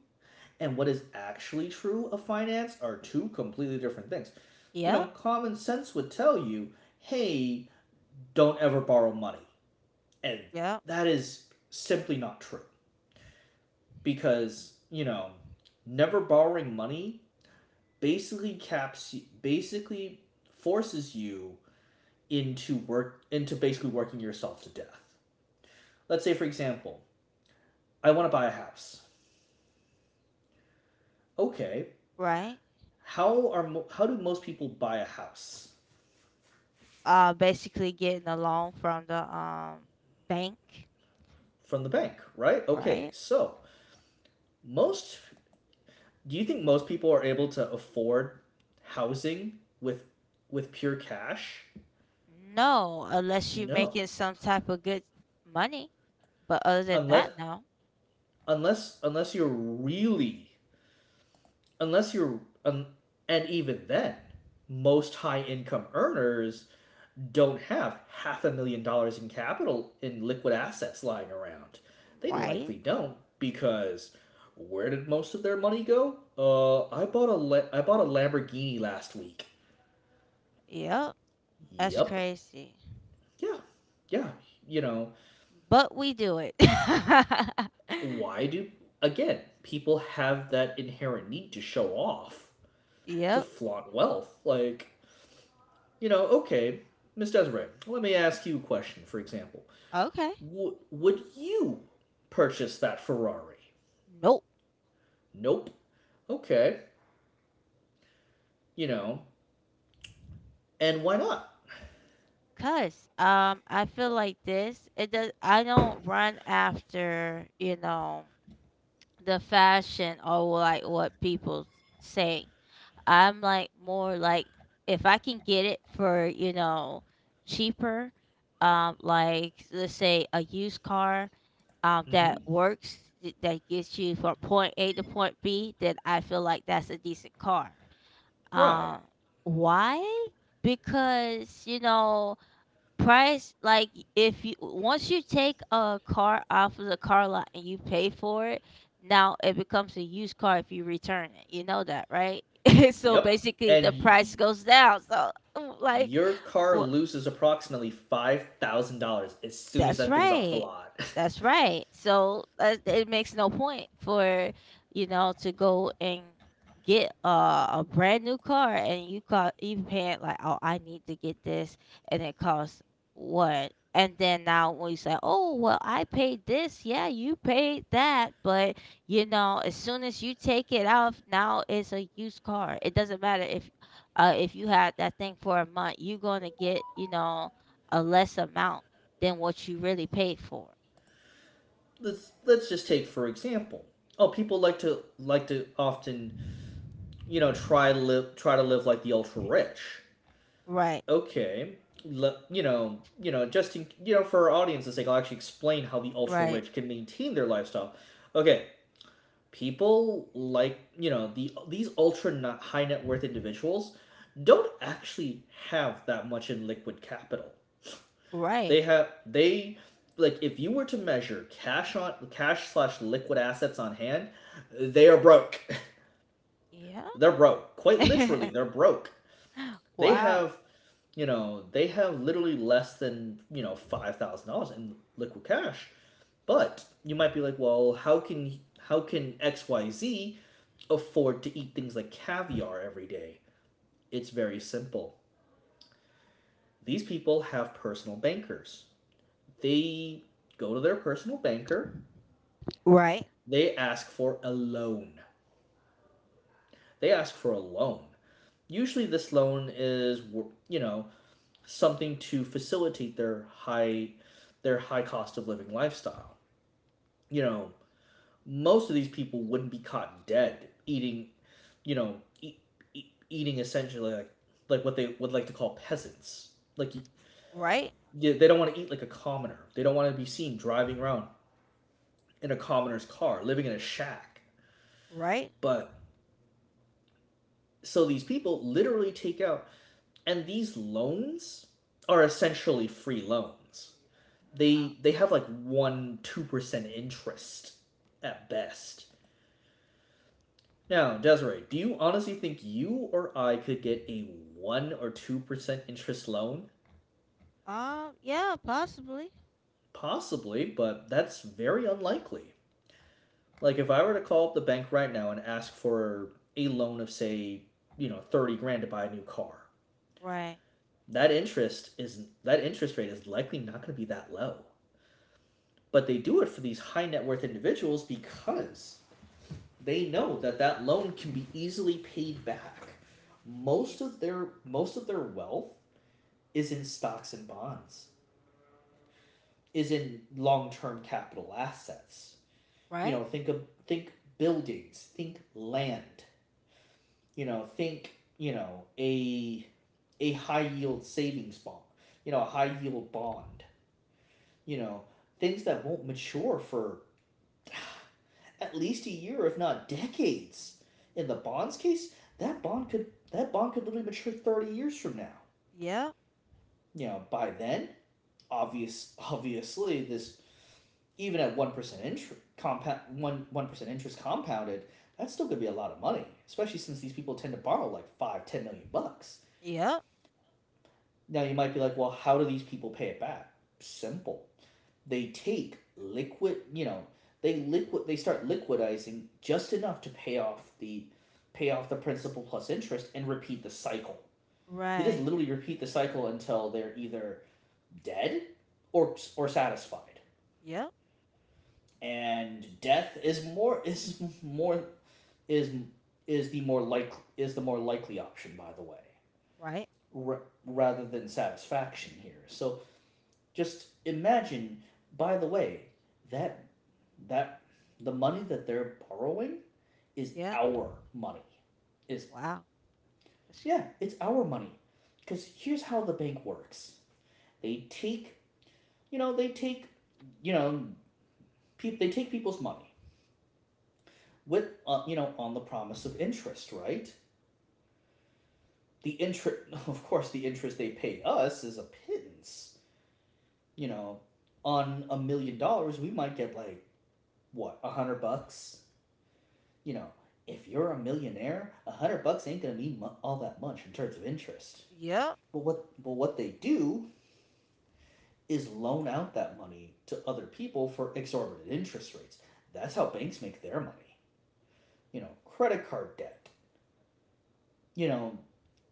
Speaker 2: and what is actually true of finance are two completely different things. You know,
Speaker 1: Yep.
Speaker 2: common sense would tell you, hey, don't ever borrow money. And
Speaker 1: Yep.
Speaker 2: that is simply not true because, you know, never borrowing money basically caps basically forces you into basically working yourself to death. Let's say, for example, I want to buy a house. Okay,
Speaker 1: Right.
Speaker 2: how do most people buy a house?
Speaker 1: Basically getting a loan from the bank,
Speaker 2: From the bank, right? Okay,
Speaker 1: right?
Speaker 2: so most... Do you think most people are able to afford housing with pure cash?
Speaker 1: No, unless you're
Speaker 2: No,
Speaker 1: making some type of good money. But other than
Speaker 2: unless
Speaker 1: that, no.
Speaker 2: unless unless you're really unless you're and even then, most high income earners don't have half a million dollars in capital in liquid assets lying around. They
Speaker 1: Right?
Speaker 2: likely don't, because where did most of their money go? I bought a Lamborghini last week.
Speaker 1: Yep. That's
Speaker 2: Yep.
Speaker 1: crazy.
Speaker 2: Yeah. Yeah. You know
Speaker 1: But we do it.
Speaker 2: why do again, people have that inherent need to show off, to
Speaker 1: yep.
Speaker 2: flaunt wealth, like, you know. Okay, Miss Desiree, let me ask you a question, for example.
Speaker 1: Okay.
Speaker 2: Would you purchase that Ferrari?
Speaker 1: Nope.
Speaker 2: Nope. Okay. You know, and why not?
Speaker 1: Cause I feel like this it does I don't run after, you know, the fashion or like what people say. I'm like more like if I can get it for, you know, cheaper, like let's say a used car that
Speaker 2: Mm-hmm.
Speaker 1: works that gets you from point A to point B, then I feel like that's a decent car.
Speaker 2: Right.
Speaker 1: Um, why? Because you know price like if you once you take a car off of the car lot and you pay for it now it becomes a used car if you return it you know that right so
Speaker 2: Yep.
Speaker 1: basically
Speaker 2: And
Speaker 1: the price goes down so like
Speaker 2: your car
Speaker 1: wh-
Speaker 2: loses approximately $5,000 as soon as
Speaker 1: that's
Speaker 2: that thing's off the
Speaker 1: right.
Speaker 2: lot.
Speaker 1: That's right. So it makes no point for you know to go and get a brand new car and you call you paying like oh I need to get this and it costs what and then now when you say oh well I paid this yeah you paid that but you know as soon as you take it off now it's a used car it doesn't matter if you had that thing for a month you're gonna get you know a less amount than what you really paid for.
Speaker 2: Let's just take, for example. Oh, people like to often, you know, try to live like the ultra rich.
Speaker 1: Right.
Speaker 2: Okay. Just in, for our audience's sake, I'll actually explain how the ultra
Speaker 1: Right.
Speaker 2: rich can maintain their lifestyle. Okay, people, like, you know, these ultra high net worth individuals don't actually have that much in liquid capital.
Speaker 1: Right.
Speaker 2: They, like, if you were to measure cash on cash slash liquid assets on hand, they are broke.
Speaker 1: Yeah.
Speaker 2: They're broke. Quite literally, they're broke. They
Speaker 1: wow.
Speaker 2: have you know they have, literally, less than, $5,000 in liquid cash. But you might be like, well, how can XYZ afford to eat things like caviar every day. It's very simple. These people have personal bankers. They go to their personal banker,
Speaker 1: Right.
Speaker 2: they ask for a loan. They ask for a loan. Usually, this loan is, you know, something to facilitate their high cost of living lifestyle. You know, most of these people wouldn't be caught dead eating, you know, eating essentially, like, what they would like to call peasants. Like.
Speaker 1: Right.
Speaker 2: Yeah, they don't want to eat like a commoner. They don't want to be seen driving around in a commoner's car, living in a shack.
Speaker 1: Right.
Speaker 2: But so these people literally take out and these loans are essentially free loans.
Speaker 1: Wow.
Speaker 2: They have, like, 1 2% interest at best. Now, Desiree, do you honestly think you or I could get a 1 or 2% interest loan?
Speaker 1: Yeah. Possibly.
Speaker 2: Possibly, but that's very unlikely. Like, if I were to call up the bank right now and ask for a loan of, say, you know, 30 grand to buy a new car.
Speaker 1: Right.
Speaker 2: That interest rate is likely not going to be that low. But they do it for these high net worth individuals because they know that that loan can be easily paid back.
Speaker 1: Yeah.
Speaker 2: Most of their wealth is in stocks and bonds, is in long-term capital assets. You know,
Speaker 1: Right.
Speaker 2: think buildings, think land, you know, think, you know, a high yield savings bond, you know, a high yield bond, you know, things that won't mature for at least a year, if not decades. In the bonds case, that bond could literally mature 30 years from now.
Speaker 1: Yep.
Speaker 2: You know, by then, obvious obviously this even at 1% interest compound, one one percent interest compounded, that's still gonna be a lot of money, especially since these people tend to borrow, like, five, 10 million bucks.
Speaker 1: Yep.
Speaker 2: Now you might be like, well, how do these people pay it back? Simple. They take liquid, you know, they liquid they start liquidizing just enough to pay off the principal plus interest and repeat the cycle. They just
Speaker 1: Right.
Speaker 2: literally repeat the cycle until they're either dead, or satisfied.
Speaker 1: Yep.
Speaker 2: And death is more is more is is the more is the more likely option, by the way,
Speaker 1: Right.
Speaker 2: rather than satisfaction here. So... just imagine, by the way, that, that the money that they're borrowing is
Speaker 1: Yeah.
Speaker 2: our money. Is
Speaker 1: Wow. That's-
Speaker 2: Yeah, it's our money. Cuz here's how the bank works. They take, they you know, take people's money, on the promise of interest, right? The interest Of course, the interest they pay us is a pittance. You know, on $1 million, we might get like, what, 100 bucks, you know. If you're a millionaire, 100 bucks ain't gonna mean all that much in terms of interest.
Speaker 1: Yep.
Speaker 2: But what they do is loan out that money to other people for exorbitant interest rates. That's how banks make their money. You know, credit card debt. You know,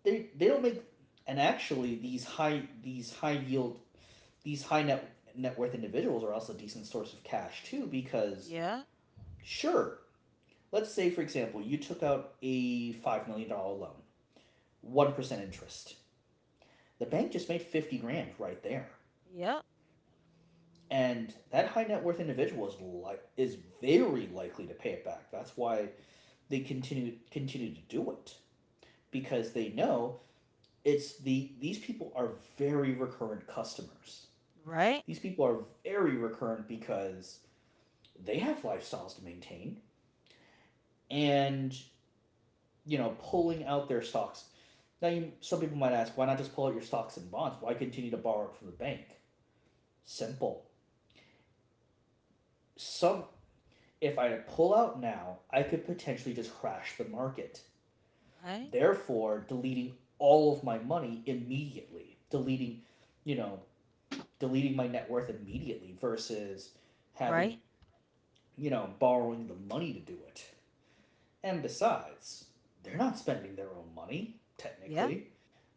Speaker 2: they don't make... And actually, these high net worth individuals are also a decent source of cash too, because,
Speaker 1: Yeah.
Speaker 2: sure, let's say, for example, you took out a $5 million loan, 1% interest. The bank just made 50 grand right there.
Speaker 1: Yep.
Speaker 2: And that high net worth individual is very likely to pay it back. That's why they continue to do it, because they know it's the these people are very recurrent customers.
Speaker 1: Right.
Speaker 2: These people are very recurrent because they have lifestyles to maintain, and, you know, pulling out their stocks... Now, some people might ask, why not just pull out your stocks and bonds? Why continue to borrow it from the bank? Simple. Some If I pull out now, I could potentially just crash the market.
Speaker 1: Right.
Speaker 2: Therefore, deleting all of my money immediately, deleting, you know, deleting my net worth immediately, versus having,
Speaker 1: Right.
Speaker 2: you know, borrowing the money to do it. And besides, they're not spending their own money,
Speaker 1: Yeah.
Speaker 2: technically.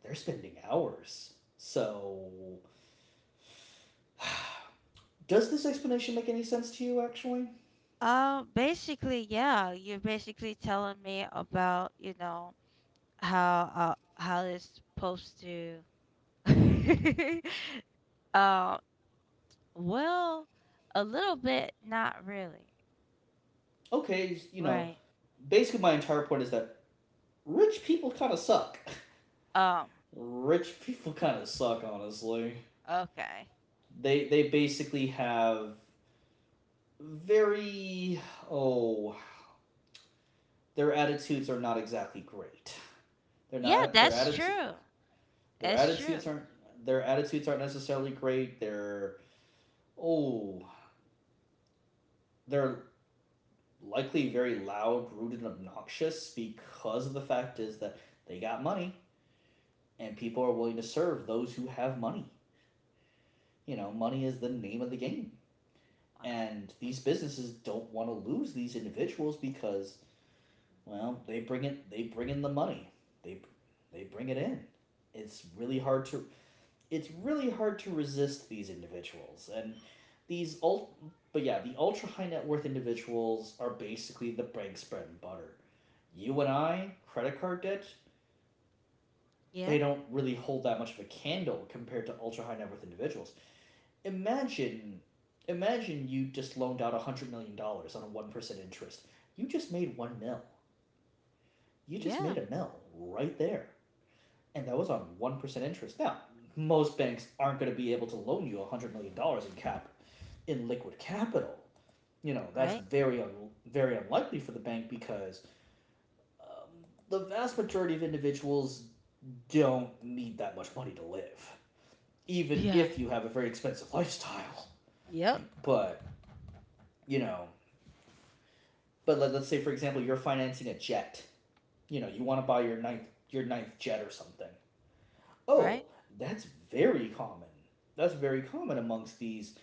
Speaker 2: They're spending ours. So, does this explanation make any sense to you, actually?
Speaker 1: Basically, yeah. You're basically telling me about you know how it's supposed to uh well a little bit not really
Speaker 2: Okay, you know,
Speaker 1: right.
Speaker 2: basically, my entire point is that rich people kind of suck.
Speaker 1: um
Speaker 2: Rich people kind of suck, honestly.
Speaker 1: okay.
Speaker 2: They basically have very oh their attitudes are not exactly great. They're
Speaker 1: Yeah,
Speaker 2: not
Speaker 1: that's true.
Speaker 2: their
Speaker 1: That's true.
Speaker 2: attitudes aren't their attitudes aren't necessarily great. Oh they're likely very loud, rude, and obnoxious because of the fact is that they got money, and people are willing to serve those who have money. You know, money is the name of the game.
Speaker 1: Wow.
Speaker 2: And these businesses don't want to lose these individuals because, well, they bring in the money. They they bring it in. it's really hard to it's really hard to resist these individuals. And these ult but yeah, the ultra high net worth individuals are basically the bank's bread and butter. You and I, credit card debt,
Speaker 1: Yeah.
Speaker 2: they don't really hold that much of a candle compared to ultra high net worth individuals. imagine imagine you just loaned out $100 million dollars on a 1% interest. You just made 1 mil. You just
Speaker 1: Yeah.
Speaker 2: made a mil right there. And that was on 1% interest. Now, most banks aren't going to be able to loan you $100 million dollars in cap in liquid capital. You know, that's
Speaker 1: Right.
Speaker 2: very unlikely for the bank, because the vast majority of individuals don't need that much money to live, even
Speaker 1: Yeah.
Speaker 2: if you have a very expensive lifestyle.
Speaker 1: Yep.
Speaker 2: But, you know... But let's say, for example, you're financing a jet. You know, you want to buy your ninth jet or something. Oh,
Speaker 1: Right.
Speaker 2: that's very common. That's very common amongst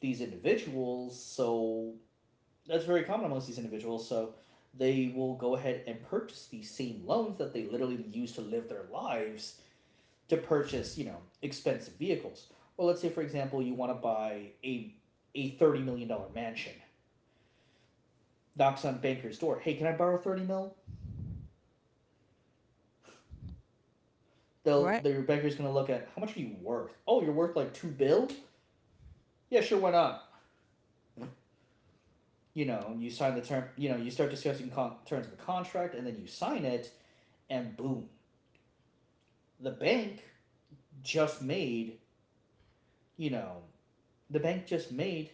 Speaker 2: these individuals. So that's very common amongst these individuals. So they will go ahead and purchase these same loans that they literally use to live their lives, to purchase, you know, expensive vehicles. Well, let's say, for example, you want to buy a $30 million mansion. Knocks on banker's door. Hey, can I borrow 30 mil?
Speaker 1: Right.
Speaker 2: The banker's gonna look at, how much are you worth? Oh, you're worth like 2 bill. Yeah, sure, why not? You know, you sign the term. You know, you start discussing terms of the contract, and then you sign it, and boom, the bank just made... You know, the bank just made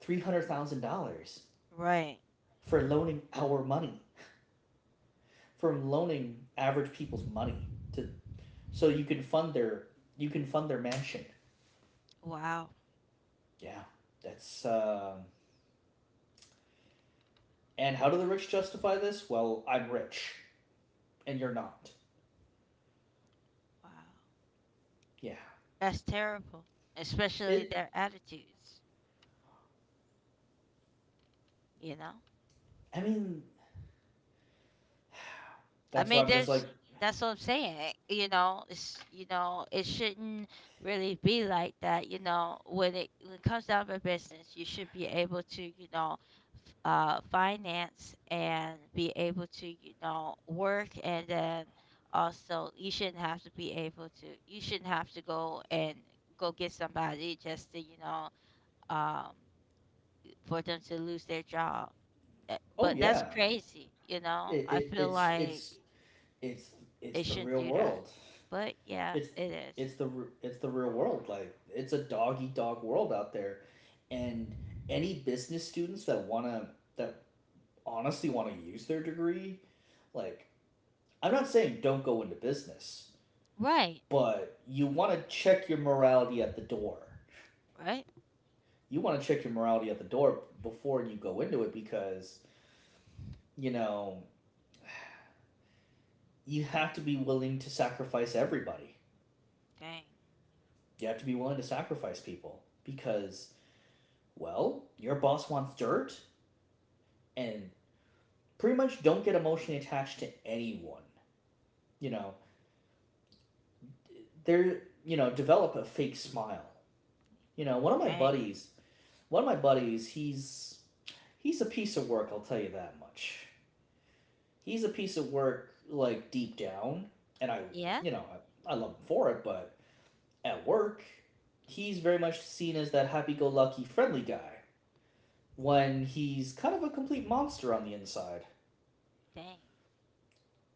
Speaker 2: $300,000
Speaker 1: Right.
Speaker 2: for loaning our money, from loaning average people's money, to so you can fund their you can fund their mansion.
Speaker 1: Wow.
Speaker 2: Yeah, that's. And how do the rich justify this? Well, I'm rich, and you're not.
Speaker 1: Wow.
Speaker 2: Yeah,
Speaker 1: That's terrible, especially
Speaker 2: it.
Speaker 1: their attitudes, you know.
Speaker 2: I mean,
Speaker 1: I
Speaker 2: that's
Speaker 1: mean,
Speaker 2: why I'm just
Speaker 1: there's
Speaker 2: like,
Speaker 1: that's what I'm saying. You know, it's you know, it shouldn't really be like that. You know, when it comes down to business, you should be able to you know, finance and be able to you know work, and then also you shouldn't have to be able to you shouldn't have to go and go get somebody just to you know um for them to lose their job.
Speaker 2: oh,
Speaker 1: But that's
Speaker 2: yeah,
Speaker 1: crazy, you
Speaker 2: it,
Speaker 1: know. I
Speaker 2: it
Speaker 1: feel
Speaker 2: it's
Speaker 1: like.
Speaker 2: it's it's
Speaker 1: They
Speaker 2: it's the
Speaker 1: shouldn't
Speaker 2: real
Speaker 1: do that.
Speaker 2: world.
Speaker 1: But yeah,
Speaker 2: It's
Speaker 1: it is.
Speaker 2: it's the the real world. Like it's a dog eat dog world out there, and any business students that wanna that honestly want to use their degree, like I'm not saying don't go into business,
Speaker 1: Right.
Speaker 2: but you want to check your morality at the door.
Speaker 1: Right.
Speaker 2: You want to check your morality at the door before you go into it because you know you have to be willing to sacrifice everybody.
Speaker 1: Dang.
Speaker 2: You have to be willing to sacrifice people because, well, your boss wants dirt and pretty much don't get emotionally attached to anyone. You know, they're, you know, develop a fake smile. You know, one of my
Speaker 1: Dang.
Speaker 2: buddies, one of my buddies, he's a piece of work, I'll tell you that much. He's a piece of work like deep down, and I,
Speaker 1: Yeah.
Speaker 2: you know, I love him for it, but at work, he's very much seen as that happy go lucky friendly guy when he's kind of a complete monster on the inside.
Speaker 1: Dang.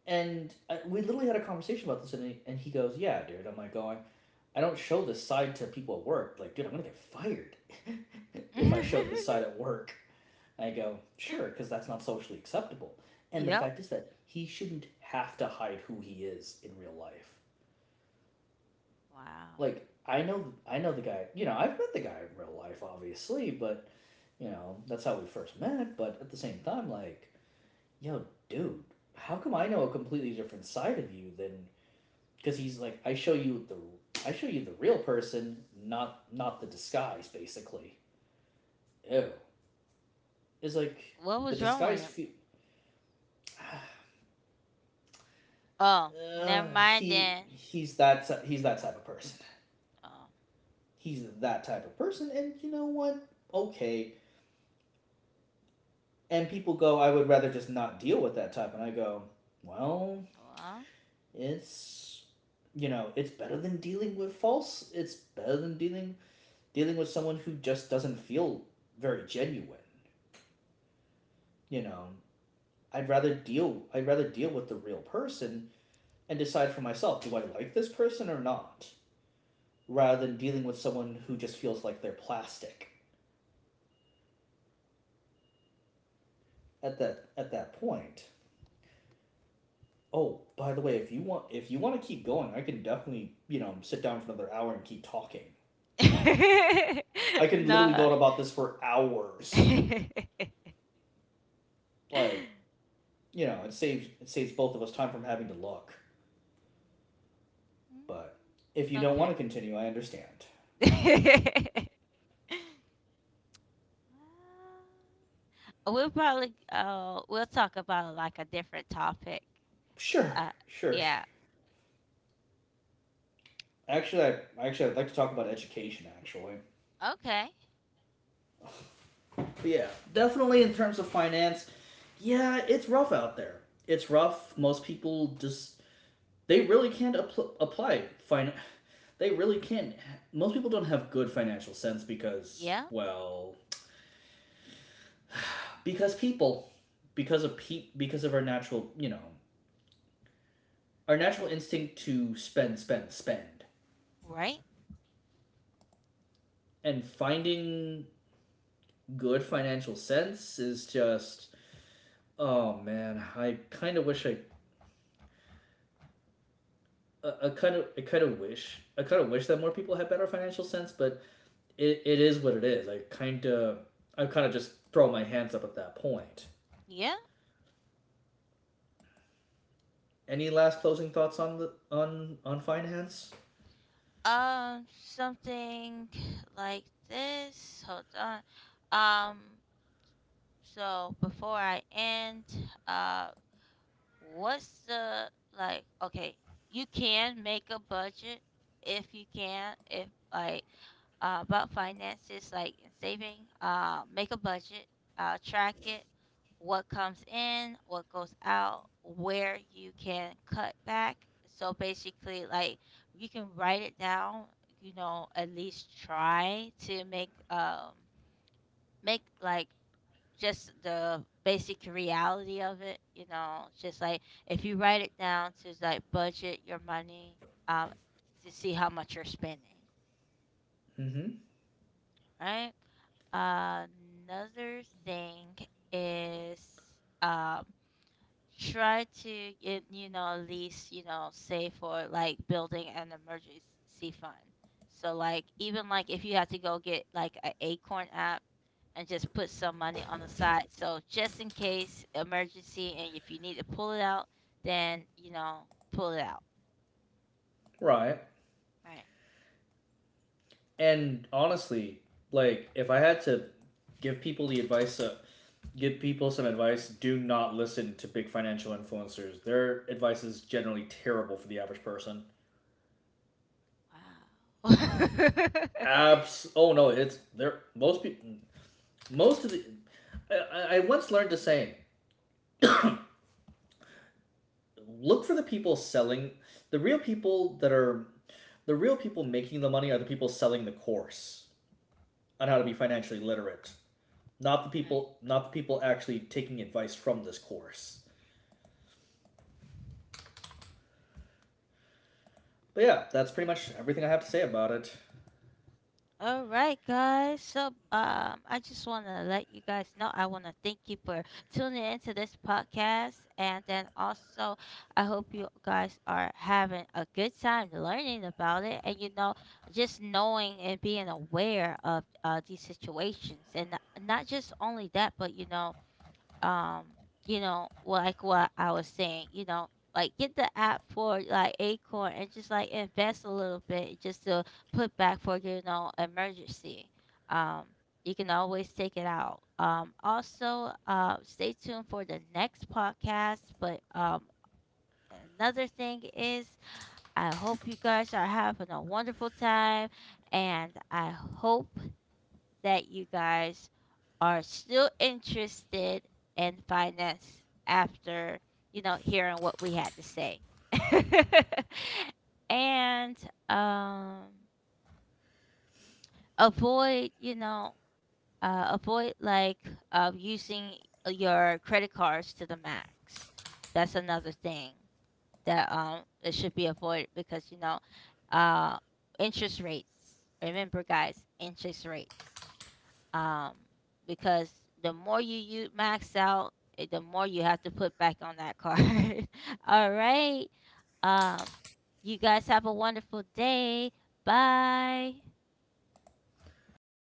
Speaker 2: And I, we literally had a conversation about this, and he goes, "Yeah, dude." I'm like, going, I don't show this side to people at work. Like, dude, I'm gonna get fired if I showed this side at work. I go, sure, because that's not socially acceptable. And the
Speaker 1: Yep.
Speaker 2: fact is that he shouldn't have to hide who he is in real life.
Speaker 1: Wow.
Speaker 2: Like, I know the guy. You know, I've met the guy in real life, obviously, but you know, that's how we first met. But at the same time, like, yo, dude, how come I know a completely different side of you than because he's like, I show you the real person, not the disguise, basically. Ew. It's like
Speaker 1: What
Speaker 2: the
Speaker 1: was wrong with
Speaker 2: disguise.
Speaker 1: him? Oh, never mind then.
Speaker 2: He's that type of person.
Speaker 1: Oh,
Speaker 2: He's that type of person, and you know what? Okay. And people go, I would rather just not deal with that type, and I go, well, it's it's better than dealing with false. It's better than dealing with someone who just doesn't feel very genuine. You know, I'd rather deal with the real person and decide for myself, do I like this person or not? Rather than dealing with someone who just feels like they're plastic at that point. Oh, by the way, if you want to keep going, I can definitely, you know, sit down for another hour and keep talking.
Speaker 1: well.
Speaker 2: I can literally go
Speaker 1: no.
Speaker 2: on about this for hours. Like, you know, it saves both of us time from having to look. But
Speaker 1: Mm,
Speaker 2: if you don't want
Speaker 1: okay.
Speaker 2: to continue, I understand.
Speaker 1: We'll talk about like a different topic.
Speaker 2: Sure,
Speaker 1: Uh
Speaker 2: sure. sure.
Speaker 1: yeah.
Speaker 2: Actually, I'd like to talk about education. Actually,
Speaker 1: Okay.
Speaker 2: but yeah, definitely in terms of finance. Yeah, it's rough out there. It's rough. Most people just they really can't apply finance. They really can't. Most people don't have good financial sense because
Speaker 1: Yeah.
Speaker 2: well, because people, because of our natural our natural instinct to spend spend
Speaker 1: Right.
Speaker 2: and finding good financial sense is just oh man, I kind of wish I kind of wish, I kind of wish that more people had better financial sense, but it is what it is. I kind of just throw my hands up at that point.
Speaker 1: Yeah.
Speaker 2: Any last closing thoughts on the on finance?
Speaker 1: Something like this. Hold on. Um. So before I end, uh, what's the like? Okay, you can make a budget if you can. If like About finances, like in saving. Make a budget, track it, what comes in, what goes out, where you can cut back. So basically, like you can write it down. You know, at least try to make make like just the basic reality of it. You know, just like if you write it down to like budget your money, um, to see how much you're spending,
Speaker 2: Mm-hmm.
Speaker 1: right? Another thing is um try to get, you know at least you know save for like building an emergency fund. So like even like if you have to go get like an Acorn app and just put some money on the side so just in case emergency and if you need to pull it out then you know pull it out.
Speaker 2: Right.
Speaker 1: Right.
Speaker 2: And honestly, like if I had to give people the advice of give people some advice, do not listen to big financial influencers. Their advice is generally terrible for the average person.
Speaker 1: Wow.
Speaker 2: Abs. Oh no, it's there. Most of the. Once learned a saying: look for the people selling. The real people that are, the real people making the money are the people selling the course on how to be financially literate,
Speaker 1: Right. Right.
Speaker 2: not the people actually taking advice from this course. But yeah, that's pretty much everything I have to say about it.
Speaker 1: All right, guys. So, I just want to let you guys know I want to thank you for tuning into this podcast. And then also, I hope you guys are having a good time learning about it. And, you know, just knowing and being aware of these situations. And not just only that, but, um you know well, like what I was saying you know like get the app for like acorn and just like invest a little bit just to put back for you know emergency um you can always take it out also stay tuned for the next podcast but another thing is I hope you guys are having a wonderful time and I hope that you guys are still interested in finance after, you know, hearing what we had to say. and um avoid, you know, avoid like using your credit cards to the max. That's another thing that it should be avoided because you know uh interest rates. Remember guys, interest rates, um, because you max out, the more you have to put back on that card. All right. Um, you guys have a wonderful day. Bye. All